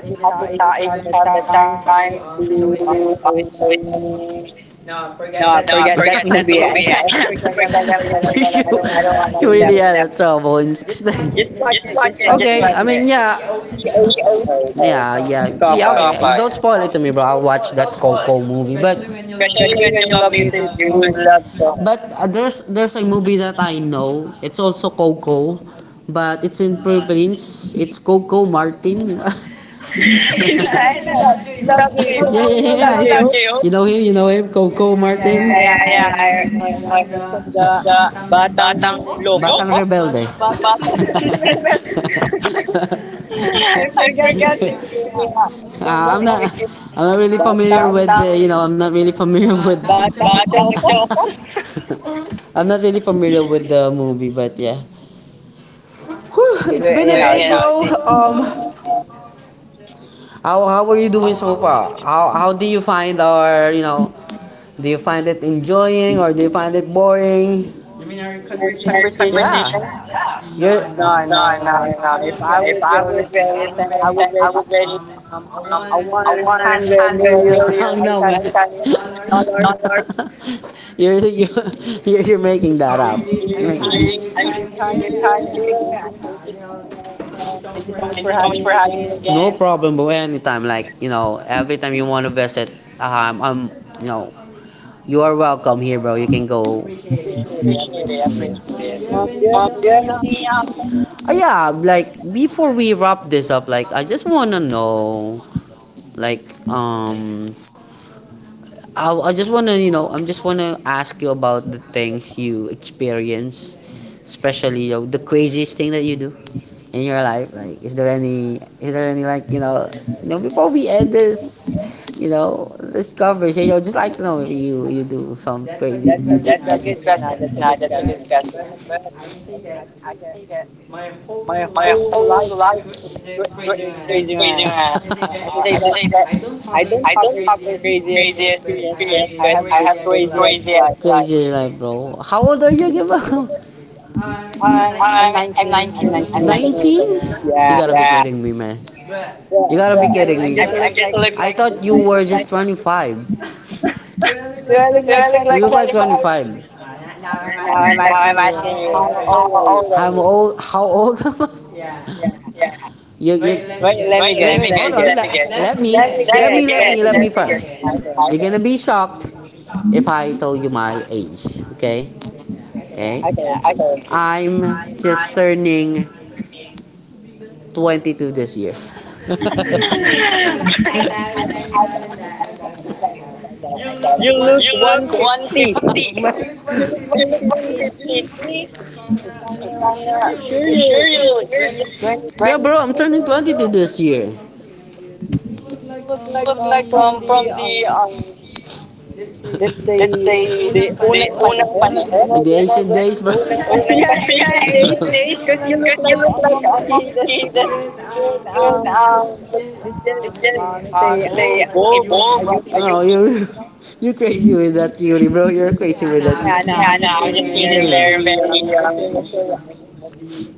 Speaker 2: has the time. He just have the
Speaker 1: the
Speaker 2: time
Speaker 1: time
Speaker 2: to, so
Speaker 1: to,
Speaker 2: he
Speaker 1: so he
Speaker 2: can.
Speaker 1: can.
Speaker 2: No, I forget that
Speaker 1: Forget that.
Speaker 2: movie. I forget that
Speaker 1: Forget
Speaker 2: movie. Forget that
Speaker 1: that.
Speaker 2: movie. I
Speaker 1: You,
Speaker 2: don't
Speaker 1: I
Speaker 2: wanna
Speaker 1: don't want, you
Speaker 2: explain that
Speaker 1: really
Speaker 2: movie.
Speaker 1: had trouble in six.
Speaker 2: Just watch it, just watch
Speaker 1: Okay,
Speaker 2: it.
Speaker 1: I
Speaker 2: It's
Speaker 1: mean, yeah,
Speaker 2: Coco.
Speaker 1: yeah, yeah, yeah.
Speaker 2: Coco, yan.
Speaker 1: Okay, don't spoil it to me, bro. I'll watch that Coco movie, but
Speaker 2: Especially when you love music, you
Speaker 1: you
Speaker 2: will
Speaker 1: would
Speaker 2: love
Speaker 1: love to.
Speaker 2: Coco.
Speaker 1: But, there's a movie that I know. It's also Coco, but it's in Philippines. It's Coco Martin.
Speaker 2: I know, love
Speaker 1: Yeah,
Speaker 2: J-Hope. You know love
Speaker 1: yeah,
Speaker 2: J-Hope?
Speaker 1: yeah. You know him, Coco
Speaker 2: Yeah,
Speaker 1: Martin.
Speaker 2: yeah,
Speaker 1: Yeah,
Speaker 2: yeah.
Speaker 1: yeah,
Speaker 2: I,
Speaker 1: yeah.
Speaker 2: I know, I'm just
Speaker 1: Know
Speaker 2: from
Speaker 1: The
Speaker 2: the
Speaker 1: the bat- Batang
Speaker 2: Batang Loko?
Speaker 1: Loco, rebelde.
Speaker 2: Batang,
Speaker 1: Bat- I
Speaker 2: I forgot
Speaker 1: forgot
Speaker 2: his name.
Speaker 1: his name.
Speaker 2: I
Speaker 1: Uh,
Speaker 2: don't know
Speaker 1: I'm
Speaker 2: if
Speaker 1: not
Speaker 2: it's
Speaker 1: I'm not really familiar with
Speaker 2: Batang,
Speaker 1: the, you know, I'm not really familiar with Batang
Speaker 2: Choco?
Speaker 1: Choco. I'm not really familiar with the movie, but yeah. Whew, it's
Speaker 2: But,
Speaker 1: been a
Speaker 2: you know,
Speaker 1: day,
Speaker 2: the,
Speaker 1: bro. How are you doing so far? How do you find our, you know? Do you find it enjoying or do you find it boring?
Speaker 2: your
Speaker 1: Your, yeah,
Speaker 2: conversation,
Speaker 1: conversation? You're
Speaker 2: no,
Speaker 1: no,
Speaker 2: no, no,
Speaker 1: no,
Speaker 2: no. If
Speaker 1: no.
Speaker 2: I
Speaker 1: If
Speaker 2: would
Speaker 1: I
Speaker 2: rate
Speaker 1: was
Speaker 2: it out of
Speaker 1: very,
Speaker 2: 10, I would
Speaker 1: then I
Speaker 2: rate it,
Speaker 1: was ready.
Speaker 2: um,
Speaker 1: Um,
Speaker 2: a
Speaker 1: a 100
Speaker 2: 100 million
Speaker 1: million hung now, man.
Speaker 2: thousand
Speaker 1: Percent.
Speaker 2: dollars
Speaker 1: Not. You're you you're making that up.
Speaker 2: Really, I'm having a good time
Speaker 1: I'm
Speaker 2: here, and thank you so
Speaker 1: really kind.
Speaker 2: much, Ariel. Thank you so much
Speaker 1: Thank you
Speaker 2: for
Speaker 1: so much
Speaker 2: having
Speaker 1: for
Speaker 2: me
Speaker 1: having me
Speaker 2: again.
Speaker 1: again. No again. Problem, bro. Anytime, like, every time you want to visit, I'm, you know, you are welcome here, bro. You can go. Appreciate
Speaker 2: Appreciate it I
Speaker 1: it.
Speaker 2: appreciate it.
Speaker 1: Appreciate
Speaker 2: Do
Speaker 1: it.
Speaker 2: you have
Speaker 1: Do you have
Speaker 2: any,
Speaker 1: any, next
Speaker 2: questions?
Speaker 1: Yeah, like before we wrap this up, like I just wanna know, like, I'm just want to ask you about the things you experience, especially, the craziest thing that you do in your life. Like, is there any, like, before we end this, this conversation, I would just like to know if you do some crazy.
Speaker 2: That's a good question. I That's a good
Speaker 1: Nah, that's
Speaker 2: question,
Speaker 1: a good
Speaker 2: but
Speaker 1: question. But
Speaker 2: I think I can say
Speaker 1: I
Speaker 2: that
Speaker 1: can say that
Speaker 2: my
Speaker 1: my
Speaker 2: whole life
Speaker 1: whole
Speaker 2: is,
Speaker 1: life is
Speaker 2: is a crazy man.
Speaker 1: crazy, man.
Speaker 2: I can
Speaker 1: I
Speaker 2: say that
Speaker 1: can say that
Speaker 2: I don't have the craziest experience, but I have the craziest
Speaker 1: crazy as
Speaker 2: life.
Speaker 1: life. Craziest life, bro. How old are you, Giba?
Speaker 2: I'm
Speaker 1: I'm
Speaker 2: 19.
Speaker 1: 19.
Speaker 2: I'm 19
Speaker 1: I'm 19.
Speaker 2: years old.
Speaker 1: 19? You
Speaker 2: Yeah,
Speaker 1: gotta be, yeah, kidding me, man.
Speaker 2: but
Speaker 1: You gotta be
Speaker 2: I'm
Speaker 1: kidding
Speaker 2: I'm
Speaker 1: me. I'm,
Speaker 2: just look
Speaker 1: I'm just
Speaker 2: like
Speaker 1: look I like.
Speaker 2: look
Speaker 1: Thought you
Speaker 2: like
Speaker 1: were just 25.
Speaker 2: do I
Speaker 1: Do
Speaker 2: look
Speaker 1: I
Speaker 2: like
Speaker 1: look like? You like
Speaker 2: 25?
Speaker 1: look like 25? 25.
Speaker 2: Now I'm asking you, how
Speaker 1: I'm
Speaker 2: old are you?
Speaker 1: old. I'm old. Old. How old am I?
Speaker 2: Yeah.
Speaker 1: Wait,
Speaker 2: Wait, let me guess.
Speaker 1: let me, wait,
Speaker 2: Let me
Speaker 1: guess. Hold guess on.
Speaker 2: guess.
Speaker 1: Let me. Let, guess, let me
Speaker 2: Let
Speaker 1: guess,
Speaker 2: me
Speaker 1: let me, me,
Speaker 2: guess.
Speaker 1: let guess, me, let
Speaker 2: Let
Speaker 1: me,
Speaker 2: me
Speaker 1: let me
Speaker 2: guess.
Speaker 1: first guess. You're, okay, gonna
Speaker 2: Okay.
Speaker 1: be shocked if I tell you my age, okay?
Speaker 2: Yeah.
Speaker 1: Okay? Yeah,
Speaker 2: Okay. Okay.
Speaker 1: okay. I'm just turning 22 this year.
Speaker 2: I got that, I got that, I got that. You
Speaker 1: You
Speaker 2: look
Speaker 1: look,
Speaker 2: 150. You look
Speaker 1: you look
Speaker 2: 153.
Speaker 1: 153.
Speaker 2: If I'm not,
Speaker 1: You
Speaker 2: you sure you
Speaker 1: sure
Speaker 2: you're just
Speaker 1: yeah,
Speaker 2: 22?
Speaker 1: bro, I'm turning 22 this year. You
Speaker 2: You look like,
Speaker 1: look like
Speaker 2: from the,
Speaker 1: from the
Speaker 2: let's say
Speaker 1: let's say
Speaker 2: the
Speaker 1: the
Speaker 2: unang
Speaker 1: unang
Speaker 2: panahon, you
Speaker 1: panahon.
Speaker 2: know
Speaker 1: Like the
Speaker 2: that?
Speaker 1: ancient days, bro.
Speaker 2: Unang pan
Speaker 1: Unang
Speaker 2: Yeah,
Speaker 1: panahon.
Speaker 2: ancient
Speaker 1: Yeah,
Speaker 2: days.
Speaker 1: ancient days.
Speaker 2: Because you look
Speaker 1: Because you
Speaker 2: like
Speaker 1: look
Speaker 2: a
Speaker 1: like a
Speaker 2: monkey that's
Speaker 1: monkey that
Speaker 2: good
Speaker 1: that
Speaker 2: that's just
Speaker 1: that
Speaker 2: let's say
Speaker 1: they
Speaker 2: evolve as a
Speaker 1: evolve.
Speaker 2: human,
Speaker 1: Oh,
Speaker 2: you
Speaker 1: you're
Speaker 2: know?
Speaker 1: you crazy with that theory, bro. You're crazy with that.
Speaker 2: Yeah, no,
Speaker 1: Yeah,
Speaker 2: I'm just
Speaker 1: no, I'm just
Speaker 2: kidding. You're
Speaker 1: kidding. you're
Speaker 2: very,
Speaker 1: very
Speaker 2: let's
Speaker 1: um
Speaker 2: say,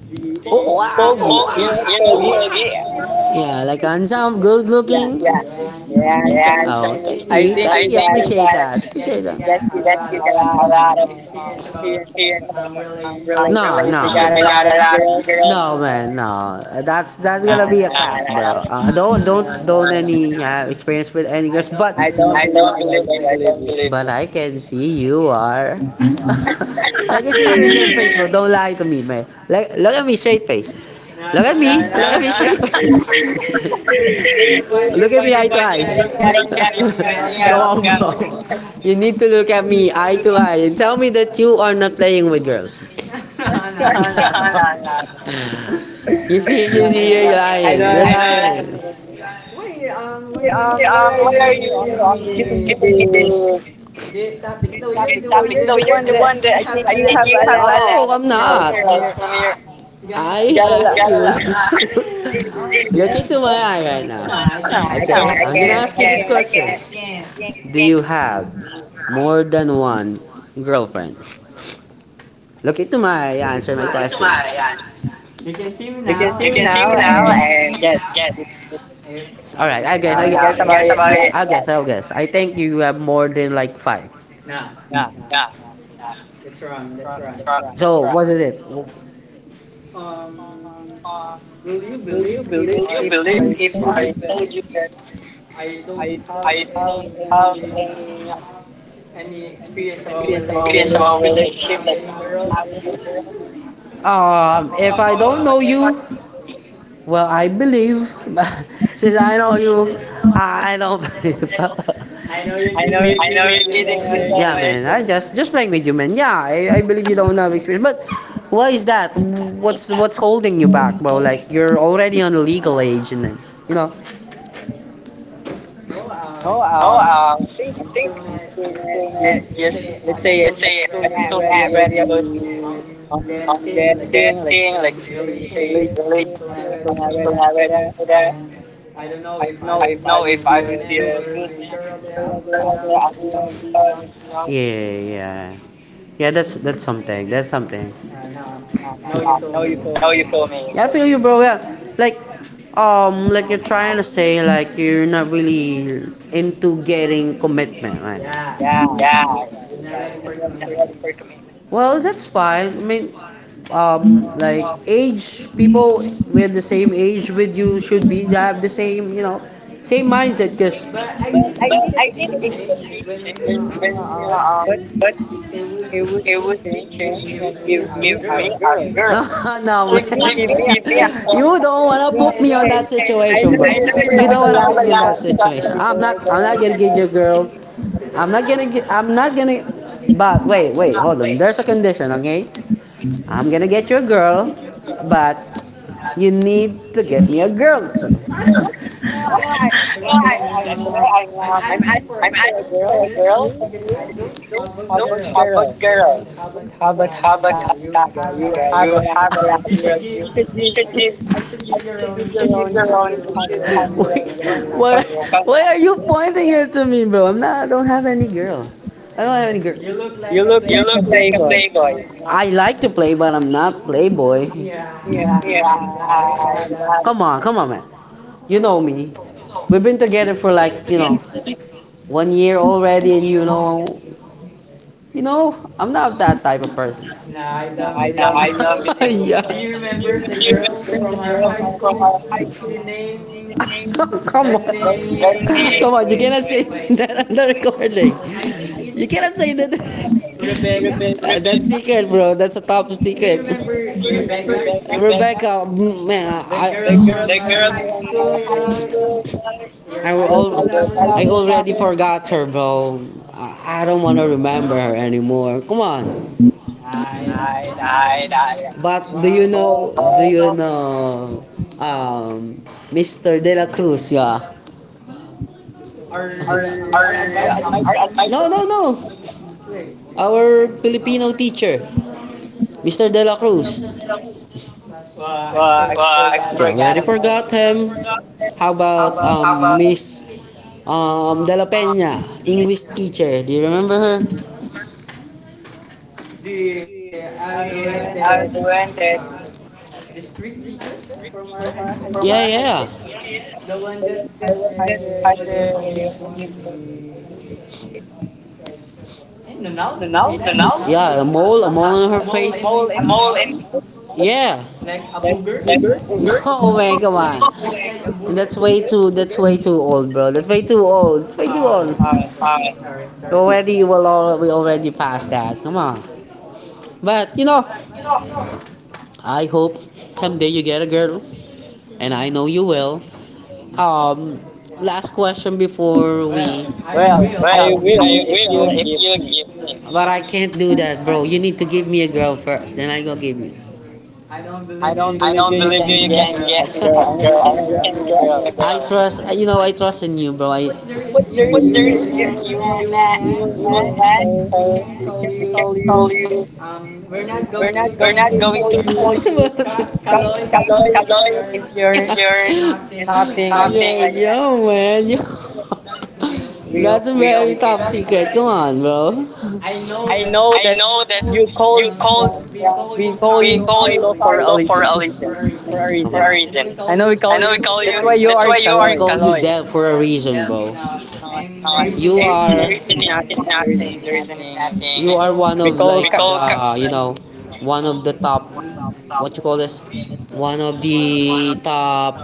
Speaker 2: the
Speaker 1: oh, wow.
Speaker 2: Poggy,
Speaker 1: Oh,
Speaker 2: you know,
Speaker 1: yeah,
Speaker 2: Poggy.
Speaker 1: oh, yeah. Yeah, like handsome, good
Speaker 2: Yeah,
Speaker 1: looking. Yeah,
Speaker 2: yeah, handsome
Speaker 1: yeah. Oh,
Speaker 2: looking.
Speaker 1: thank
Speaker 2: I
Speaker 1: you.
Speaker 2: think you
Speaker 1: Thank you.
Speaker 2: got
Speaker 1: Appreciate
Speaker 2: it,
Speaker 1: that. Appreciate that.
Speaker 2: that you
Speaker 1: That you
Speaker 2: got a
Speaker 1: got
Speaker 2: lot
Speaker 1: a
Speaker 2: of,
Speaker 1: lot of
Speaker 2: um, experience about,
Speaker 1: experience. No,
Speaker 2: relationship.
Speaker 1: no,
Speaker 2: You
Speaker 1: man.
Speaker 2: got
Speaker 1: You
Speaker 2: a
Speaker 1: got
Speaker 2: lot of
Speaker 1: a lot of
Speaker 2: girls in
Speaker 1: girls. No,
Speaker 2: there.
Speaker 1: man, no. That's
Speaker 2: Nah,
Speaker 1: gonna be a
Speaker 2: nah, nah.
Speaker 1: cap, bro.
Speaker 2: No,
Speaker 1: Don't
Speaker 2: no, no,
Speaker 1: don't
Speaker 2: no,
Speaker 1: don't
Speaker 2: no, no.
Speaker 1: any experience with any girls, but
Speaker 2: I don't
Speaker 1: I
Speaker 2: believe
Speaker 1: don't
Speaker 2: you. I
Speaker 1: believe you.
Speaker 2: don't believe you.
Speaker 1: But I can see you are. I can see it in your face, bro. Don't lie to me, man. Look, look at me, straight face. Look at
Speaker 2: No,
Speaker 1: me. Look
Speaker 2: no,
Speaker 1: at
Speaker 2: no.
Speaker 1: me, straight face.
Speaker 2: you're,
Speaker 1: Look
Speaker 2: you're
Speaker 1: at me, eye
Speaker 2: finding
Speaker 1: to
Speaker 2: a wrong
Speaker 1: eye.
Speaker 2: guy. You're finding a wrong
Speaker 1: Go on,
Speaker 2: guy.
Speaker 1: bro. You need to look at
Speaker 2: You
Speaker 1: me,
Speaker 2: look
Speaker 1: eye
Speaker 2: at him.
Speaker 1: to eye, and tell me that you are not playing with girls.
Speaker 2: No, no, no.
Speaker 1: you see, you
Speaker 2: No,
Speaker 1: see, you're
Speaker 2: no. I don't
Speaker 1: lying.
Speaker 2: have
Speaker 1: You're
Speaker 2: to.
Speaker 1: lying.
Speaker 2: Yeah, why are
Speaker 1: Why are
Speaker 2: you,
Speaker 1: you
Speaker 2: giving me
Speaker 1: giving me
Speaker 2: the...
Speaker 1: the?
Speaker 2: your topic. No, you're the
Speaker 1: You're
Speaker 2: one
Speaker 1: the
Speaker 2: that,
Speaker 1: one
Speaker 2: I
Speaker 1: that
Speaker 2: think you have
Speaker 1: you
Speaker 2: a
Speaker 1: have
Speaker 2: lot
Speaker 1: no, I'm
Speaker 2: of girls
Speaker 1: not.
Speaker 2: from your... You
Speaker 1: I ask
Speaker 2: got a
Speaker 1: you.
Speaker 2: lot.
Speaker 1: Look
Speaker 2: Um,
Speaker 1: into my eye right now.
Speaker 2: no, I
Speaker 1: Okay,
Speaker 2: can't.
Speaker 1: I'm
Speaker 2: I
Speaker 1: gonna
Speaker 2: can't.
Speaker 1: ask you
Speaker 2: I
Speaker 1: this
Speaker 2: can't.
Speaker 1: question. Do you have more than one girlfriend? Look into my eye, answer my question.
Speaker 2: You can see me now
Speaker 1: Team now.
Speaker 2: and guess.
Speaker 1: All right,
Speaker 2: Guess about it, the answer.
Speaker 1: I guess. I think you have more than like five.
Speaker 2: Nah,
Speaker 1: Yeah.
Speaker 2: nah. That's wrong. That's wrong.
Speaker 1: So what is it?
Speaker 2: Um, will you believe if
Speaker 1: Believe
Speaker 2: I
Speaker 1: if
Speaker 2: told
Speaker 1: I
Speaker 2: you that I don't have
Speaker 1: have
Speaker 2: any, um,
Speaker 1: any
Speaker 2: any experience about
Speaker 1: questions about
Speaker 2: relationship? Like,
Speaker 1: religion.
Speaker 2: I don't
Speaker 1: If
Speaker 2: have
Speaker 1: I
Speaker 2: any
Speaker 1: don't
Speaker 2: girl.
Speaker 1: know you, well, I believe. Since I know you, I don't believe.
Speaker 2: I know you're
Speaker 1: I know
Speaker 2: kidding,
Speaker 1: you're
Speaker 2: dude.
Speaker 1: kidding.
Speaker 2: I know you're
Speaker 1: Yeah,
Speaker 2: kidding.
Speaker 1: man. I just playing with you, man. Yeah, I believe you don't have experience, but why is that? What's holding you back, bro? Like you're already on a legal age, and then you know.
Speaker 2: No,
Speaker 1: No,
Speaker 2: I think
Speaker 1: I think
Speaker 2: I'm still
Speaker 1: I'm saying
Speaker 2: not just
Speaker 1: that you're
Speaker 2: let's say I'm still not ready about
Speaker 1: ready about
Speaker 2: the,
Speaker 1: the
Speaker 2: that thing, like
Speaker 1: dating, like
Speaker 2: the
Speaker 1: late,
Speaker 2: relationship.
Speaker 1: some
Speaker 2: I'm still not
Speaker 1: people
Speaker 2: ready
Speaker 1: are
Speaker 2: for
Speaker 1: ready
Speaker 2: that.
Speaker 1: for that.
Speaker 2: And I don't know if I
Speaker 1: No, if
Speaker 2: would
Speaker 1: I
Speaker 2: be
Speaker 1: will.
Speaker 2: a good man with this girl that I would love, you know.
Speaker 1: Yeah, yeah. Yeah, that's something. That's something.
Speaker 2: And, no, you feel
Speaker 1: Now you
Speaker 2: me?
Speaker 1: feel
Speaker 2: Cause
Speaker 1: me. Now you feel me. Yeah, I feel you, bro. Yeah, like, like you're trying to say like you're not really into getting commitment, right? Yeah.
Speaker 2: yeah,
Speaker 1: Yeah.
Speaker 2: you got
Speaker 1: You're not
Speaker 2: it.
Speaker 1: ready
Speaker 2: I'm
Speaker 1: for
Speaker 2: not ready for
Speaker 1: commitment.
Speaker 2: commitment.
Speaker 1: Well, that's fine. I mean,
Speaker 2: Um,
Speaker 1: like age, people with the same age with you should be have the same, you know, same mindset. Cause
Speaker 2: but I think it can be
Speaker 1: change when
Speaker 2: changed
Speaker 1: you're,
Speaker 2: when
Speaker 1: when
Speaker 2: you, but
Speaker 1: you're what
Speaker 2: it would
Speaker 1: it would be it
Speaker 2: be
Speaker 1: would be
Speaker 2: changed
Speaker 1: changed if
Speaker 2: when you
Speaker 1: you
Speaker 2: give
Speaker 1: changed give
Speaker 2: me
Speaker 1: you
Speaker 2: a
Speaker 1: a give me
Speaker 2: girl.
Speaker 1: girl. A girl. No, man.
Speaker 2: If you give me
Speaker 1: If you give me a
Speaker 2: a contact
Speaker 1: girl, you don't
Speaker 2: of
Speaker 1: wanna
Speaker 2: a
Speaker 1: put
Speaker 2: girl,
Speaker 1: me on that
Speaker 2: okay? I
Speaker 1: situation, bro.
Speaker 2: know
Speaker 1: I know
Speaker 2: you do
Speaker 1: you're You don't not
Speaker 2: have a
Speaker 1: wanna gonna put
Speaker 2: lot
Speaker 1: me in
Speaker 2: of
Speaker 1: that me
Speaker 2: contacts of
Speaker 1: situation. Something.
Speaker 2: the
Speaker 1: I'm not.
Speaker 2: girls
Speaker 1: I'm
Speaker 2: and
Speaker 1: not gonna
Speaker 2: all.
Speaker 1: get your girl. I'm not gonna get. I'm not gonna. But wait, wait, hold on. There's a condition, okay? I'm gonna get your girl, but you need to get me a girl too.
Speaker 2: No, I...
Speaker 1: No,
Speaker 2: that's
Speaker 1: I'm not.
Speaker 2: why I'm
Speaker 1: No,
Speaker 2: um,
Speaker 1: I'm not.
Speaker 2: I'm asking for a
Speaker 1: Po,
Speaker 2: girl from
Speaker 1: girl?
Speaker 2: you, because I don't
Speaker 1: No,
Speaker 2: have a
Speaker 1: how about
Speaker 2: girl. I
Speaker 1: girls?
Speaker 2: don't have a
Speaker 1: How about,
Speaker 2: contact of girl. You
Speaker 1: okay,
Speaker 2: have a
Speaker 1: you
Speaker 2: lot of
Speaker 1: have a
Speaker 2: girls.
Speaker 1: lot
Speaker 2: You
Speaker 1: of girls.
Speaker 2: you should give
Speaker 1: You should give your own.
Speaker 2: your own. You
Speaker 1: Should have
Speaker 2: should have
Speaker 1: your
Speaker 2: your own
Speaker 1: own.
Speaker 2: girl. Your
Speaker 1: Why,
Speaker 2: contact.
Speaker 1: why are you pointing it to me, bro? I'm not. I don't have any girl. I don't have any girl.
Speaker 2: You look like
Speaker 1: You
Speaker 2: a
Speaker 1: look like a
Speaker 2: playboy. You know.
Speaker 1: playboy. I like to play, but I'm not playboy.
Speaker 2: Yeah, I,
Speaker 1: Yeah.
Speaker 2: that is my
Speaker 1: Come on, come
Speaker 2: daughter.
Speaker 1: on, man. You know me. We've been together for like you know 1 year already, and you know, you know, I'm not that type of person.
Speaker 2: No, I don't
Speaker 1: I
Speaker 2: believe
Speaker 1: love
Speaker 2: you.
Speaker 1: it.
Speaker 2: So,
Speaker 1: Yeah.
Speaker 2: do you remember the girl from our high school? The name,
Speaker 1: Come on.
Speaker 2: the
Speaker 1: Name?
Speaker 2: name,
Speaker 1: Come on, you
Speaker 2: wait,
Speaker 1: cannot say, wait, wait, that on
Speaker 2: wait.
Speaker 1: the recording. I think
Speaker 2: I
Speaker 1: it's. You
Speaker 2: think
Speaker 1: cannot say that.
Speaker 2: it's Rebecca.
Speaker 1: That's
Speaker 2: Do
Speaker 1: secret, bro. That's a top, do you
Speaker 2: you
Speaker 1: secret.
Speaker 2: remember Rebecca?
Speaker 1: Rebecca, mm, man,
Speaker 2: The girl from our high school,
Speaker 1: School. Will high school
Speaker 2: your Bible
Speaker 1: lover. I
Speaker 2: shower.
Speaker 1: already forgot her, bro. I don't want to remember her anymore. Come on.
Speaker 2: I, I,
Speaker 1: I die. But
Speaker 2: well,
Speaker 1: do you know, um, Mr. De La Cruz, yeah?
Speaker 2: our
Speaker 1: Our
Speaker 2: advisor.
Speaker 1: advice, no, no, no. Our Filipino teacher, Mr. De La Cruz.
Speaker 2: Well,
Speaker 1: But
Speaker 2: I
Speaker 1: I
Speaker 2: forgot
Speaker 1: forgot. Yeah, I
Speaker 2: about him. I
Speaker 1: forgot him.
Speaker 2: forgot.
Speaker 1: How about
Speaker 2: How about
Speaker 1: Miss De La Peña, English teacher? Do you remember her?
Speaker 2: the, the one that Greek teacher from our high school?
Speaker 1: Yeah,
Speaker 2: Yeah, yeah.
Speaker 1: yeah,
Speaker 2: The one that has a, what do you call it? The, Nanaw? Like that,
Speaker 1: yeah. A mole
Speaker 2: Nanaw?
Speaker 1: on her
Speaker 2: A
Speaker 1: face.
Speaker 2: mole,
Speaker 1: A
Speaker 2: and
Speaker 1: mole in, yeah.
Speaker 2: like booger, you know,
Speaker 1: Oh
Speaker 2: like
Speaker 1: man, come on.
Speaker 2: that. Like a booger.
Speaker 1: That's way too old, bro. That's way too old. It's way too old.
Speaker 2: Uh,
Speaker 1: Uh, Already, we already passed that. Come on. But you know, I hope someday you get a girl, and I know you will. Um, Last question before we.
Speaker 2: well, I will if you
Speaker 1: Will
Speaker 2: give
Speaker 1: if you
Speaker 2: me.
Speaker 1: give me. But I can't do that, bro. You need to give me a girl first, then I go give you.
Speaker 2: I don't
Speaker 1: I
Speaker 2: believe you.
Speaker 1: don't
Speaker 2: You
Speaker 1: believe you.
Speaker 2: can
Speaker 1: You
Speaker 2: get
Speaker 1: can
Speaker 2: me a
Speaker 1: get me
Speaker 2: girl.
Speaker 1: a
Speaker 2: I know you
Speaker 1: girl. I
Speaker 2: can
Speaker 1: know you
Speaker 2: get me
Speaker 1: can
Speaker 2: a
Speaker 1: get me
Speaker 2: girl.
Speaker 1: a girl. I girl. Trust. You know, I trust in you, bro. I But
Speaker 2: But there is,
Speaker 1: there
Speaker 2: you,
Speaker 1: is here, you
Speaker 2: you will not,
Speaker 1: will not,
Speaker 2: or we
Speaker 1: so
Speaker 2: can
Speaker 1: we can
Speaker 2: call you,
Speaker 1: call you.
Speaker 2: we're not
Speaker 1: We're
Speaker 2: going to
Speaker 1: not going
Speaker 2: call
Speaker 1: to call
Speaker 2: you,
Speaker 1: you,
Speaker 2: Ka-
Speaker 1: Kaloy,
Speaker 2: Kaloy, if
Speaker 1: if
Speaker 2: you're,
Speaker 1: you're
Speaker 2: it's nothing like
Speaker 1: not
Speaker 2: that.
Speaker 1: saying like that. Yo, man, yo.
Speaker 2: We,
Speaker 1: That's a
Speaker 2: we,
Speaker 1: very top
Speaker 2: we,
Speaker 1: secret. Come on, bro.
Speaker 2: I know that you
Speaker 1: That's
Speaker 2: called, we call you Carlo for a reason, for a
Speaker 1: for a
Speaker 2: reason.
Speaker 1: reason.
Speaker 2: I know we call you, that's why you are Kaloy.
Speaker 1: You dead for a reason.
Speaker 2: Uh, and
Speaker 1: You
Speaker 2: the reason
Speaker 1: are-
Speaker 2: is
Speaker 1: The reason
Speaker 2: nothing,
Speaker 1: is
Speaker 2: the reason is
Speaker 1: nothing. The reason
Speaker 2: nothing,
Speaker 1: is
Speaker 2: and
Speaker 1: nothing. You are
Speaker 2: we
Speaker 1: one of
Speaker 2: call,
Speaker 1: like the, you know, one of the top, what you call this? One of the top.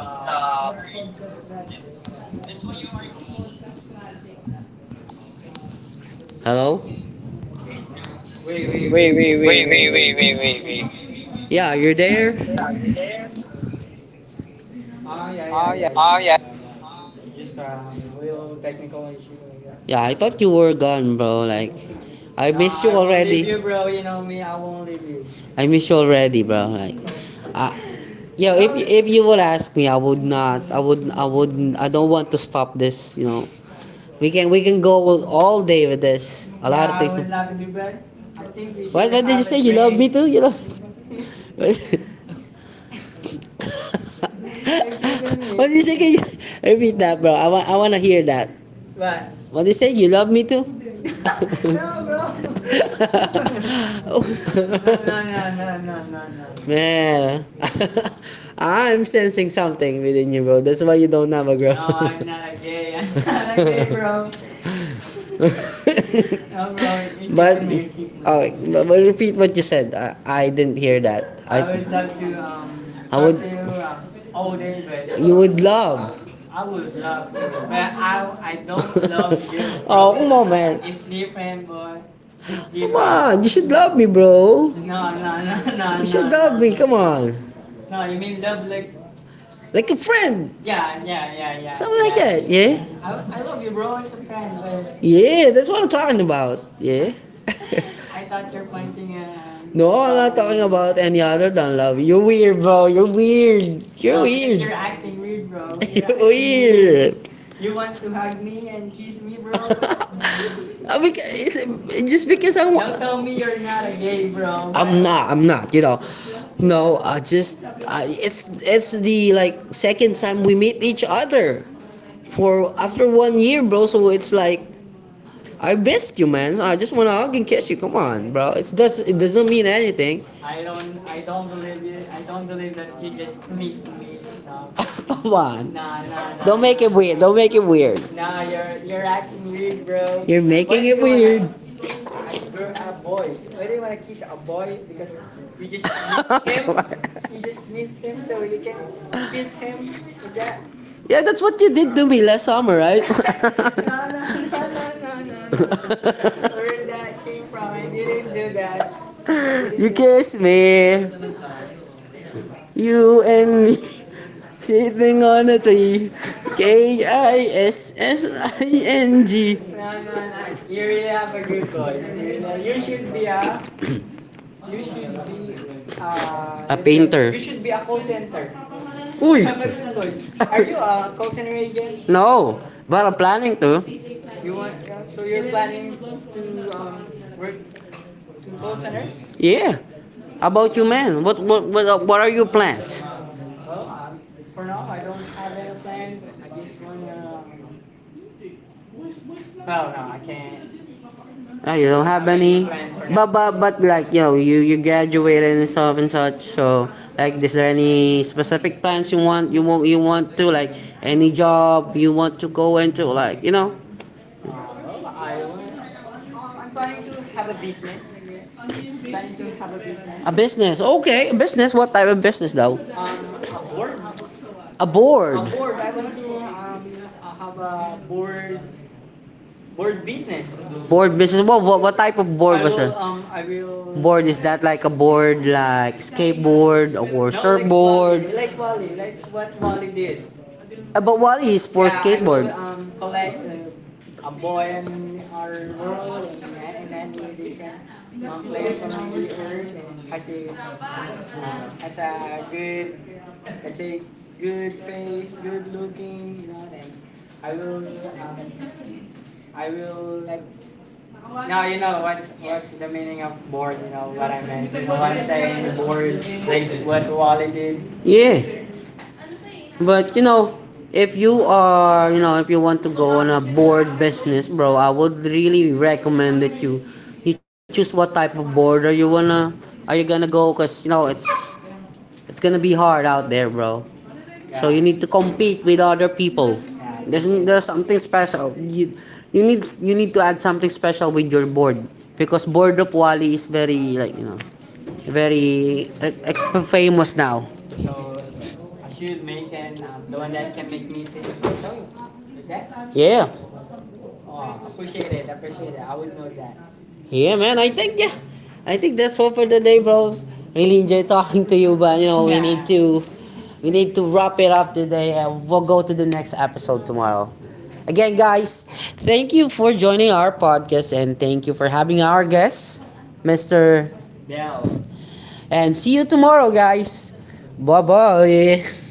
Speaker 1: Hello?
Speaker 2: wait, wait, wait, wait,
Speaker 1: Wait,
Speaker 2: wait,
Speaker 1: wait, wait,
Speaker 2: wait.
Speaker 1: wait, wait. Yeah, you're there?
Speaker 2: Oh, yeah, yeah,
Speaker 1: Oh
Speaker 2: yeah,
Speaker 1: yeah.
Speaker 2: yeah, yeah, yeah, yeah. Just, a little technical issue, like that.
Speaker 1: Yeah, I thought you were gone, bro. Like, I
Speaker 2: No,
Speaker 1: miss you.
Speaker 2: I won't leave you, bro. You know me, I won't leave you.
Speaker 1: I miss you already, bro. Like, yeah. If you would ask me, I would not. I would. I would. I don't want to stop this. You know, we can go all day with this. A
Speaker 2: Yeah,
Speaker 1: lot yeah, of
Speaker 2: I
Speaker 1: things.
Speaker 2: would love you too, but I think we should.
Speaker 1: Oh, you know.
Speaker 2: You're keeping me,
Speaker 1: Repeat that, bro. I want. I want to hear that.
Speaker 2: but
Speaker 1: What do you say? You love me too?
Speaker 2: no, bro.
Speaker 1: Oh,
Speaker 2: No, no, no, no, no, no, no, no.
Speaker 1: man, I'm sensing something within you, bro. That's why you don't have a girl.
Speaker 2: No, I'm not a gay. I'm not a gay, bro. No,
Speaker 1: No,
Speaker 2: bro,
Speaker 1: bro.
Speaker 2: you're keeping me. You're keeping
Speaker 1: But repeat what you said. I didn't hear that. I,
Speaker 2: I would
Speaker 1: I
Speaker 2: love to,
Speaker 1: I
Speaker 2: talk to
Speaker 1: would.
Speaker 2: you, all day, but
Speaker 1: You would love,
Speaker 2: I would love to, but I don't love you, bro.
Speaker 1: man.
Speaker 2: It's different, boy. It's
Speaker 1: Come
Speaker 2: different.
Speaker 1: on, you should love me, bro.
Speaker 2: No, no, no, no,
Speaker 1: Come on,
Speaker 2: no. You mean love like?
Speaker 1: like a friend.
Speaker 2: Yeah, yeah, yeah, yeah. I love you, bro, as a friend, but
Speaker 1: Yeah, that's what I'm talking about. Yeah.
Speaker 2: I thought you're pointing.
Speaker 1: No, I'm not talking about any other than love. You're weird, bro. You're weird. You're
Speaker 2: No,
Speaker 1: weird.
Speaker 2: you're acting weird, bro. You're, you want to hug me and kiss me, bro, but
Speaker 1: Uh, beca- just because I want,
Speaker 2: tell
Speaker 1: no,
Speaker 2: me you're not a gay, bro.
Speaker 1: you know, no, I just I, it's the like second time we meet each other for after 1 year, bro. So it's like I missed you, man. I just wanna hug and kiss you. Come on, bro. It doesn't mean anything.
Speaker 2: I don't believe you. I don't believe that you just missed me. You know.
Speaker 1: Come on,
Speaker 2: No, no,
Speaker 1: make it weird. Don't make it weird.
Speaker 2: no. You're acting weird, bro. Why
Speaker 1: Making
Speaker 2: do
Speaker 1: it
Speaker 2: you
Speaker 1: weird.
Speaker 2: wanna kiss a girl, a boy? Why do you wanna kiss a boy? Because you just mi- you just missed him, so you can kiss him, like that.
Speaker 1: Yeah, that's what you did to me last summer, right?
Speaker 2: No, no, no, no, no, no, no. Where that came from? I didn't do that. I didn't
Speaker 1: You
Speaker 2: do.
Speaker 1: kiss me, you and me, sitting on a tree. KISSING.
Speaker 2: No, no, no. You really have a good voice. You really. You should be a. You should be. Uh.
Speaker 1: A painter.
Speaker 2: You should be a call center. You
Speaker 1: Uy!
Speaker 2: have a good voice. Are you a call center agent?
Speaker 1: No, but I'm planning to.
Speaker 2: You want? Yeah, so you're planning to, work to call center?
Speaker 1: Yeah. About you, man. What are your plans?
Speaker 2: Well, for now, I don't have any plan. I just wanna. Well, no, I can't.
Speaker 1: Ah, you don't have any.
Speaker 2: And,
Speaker 1: But like you know, you graduated and stuff and such. So like, is there any specific plans you want? You want you want to like any job you want to go into? Like you know.
Speaker 2: well, I want. I'm planning to have a business, like that. I'm planning to have a business.
Speaker 1: Yes, okay, business. What type of business though?
Speaker 2: A board.
Speaker 1: A
Speaker 2: A
Speaker 1: board.
Speaker 2: board. I want to, have a board business.
Speaker 1: Board business. What type of board was that?
Speaker 2: I will,
Speaker 1: Not like a board like skateboard or surfboard.
Speaker 2: like Wally, like what Wally did.
Speaker 1: But what is for
Speaker 2: Yeah, I
Speaker 1: skateboard?
Speaker 2: will collect, a boy in our world and, in any different, place from the earth, and has a good, let's say, good face, good looking, you know. Then I will um I will, like, now you know what's the meaning of bored. You know what I mean. You know what I'm saying. Bored like what Wally did.
Speaker 1: Yeah. But you know, if you are, you know, if you want to go on a board business, bro, I would really recommend that you choose what type of board are you wanna are you gonna go cuz you know, it's gonna be hard out there, bro. So
Speaker 2: Yeah,
Speaker 1: you need to compete with other people.
Speaker 2: yeah.
Speaker 1: There's something special. You you need to add something special with your board because board of Wally is very like, you know, very famous now.
Speaker 2: So I should make, and, the one that can make me famous also, like that.
Speaker 1: Yeah.
Speaker 2: Oh, appreciate it, appreciate it. I would know that.
Speaker 1: Yeah, man. I think yeah, I think that's all for the day, bro. Really enjoy talking to you, but you know we need to wrap it up today, and we'll go to the next episode tomorrow. Again, guys, thank you for joining our podcast, and thank you for having our guest, Mister.
Speaker 2: Dell,
Speaker 1: And see you tomorrow, guys. Bye bye.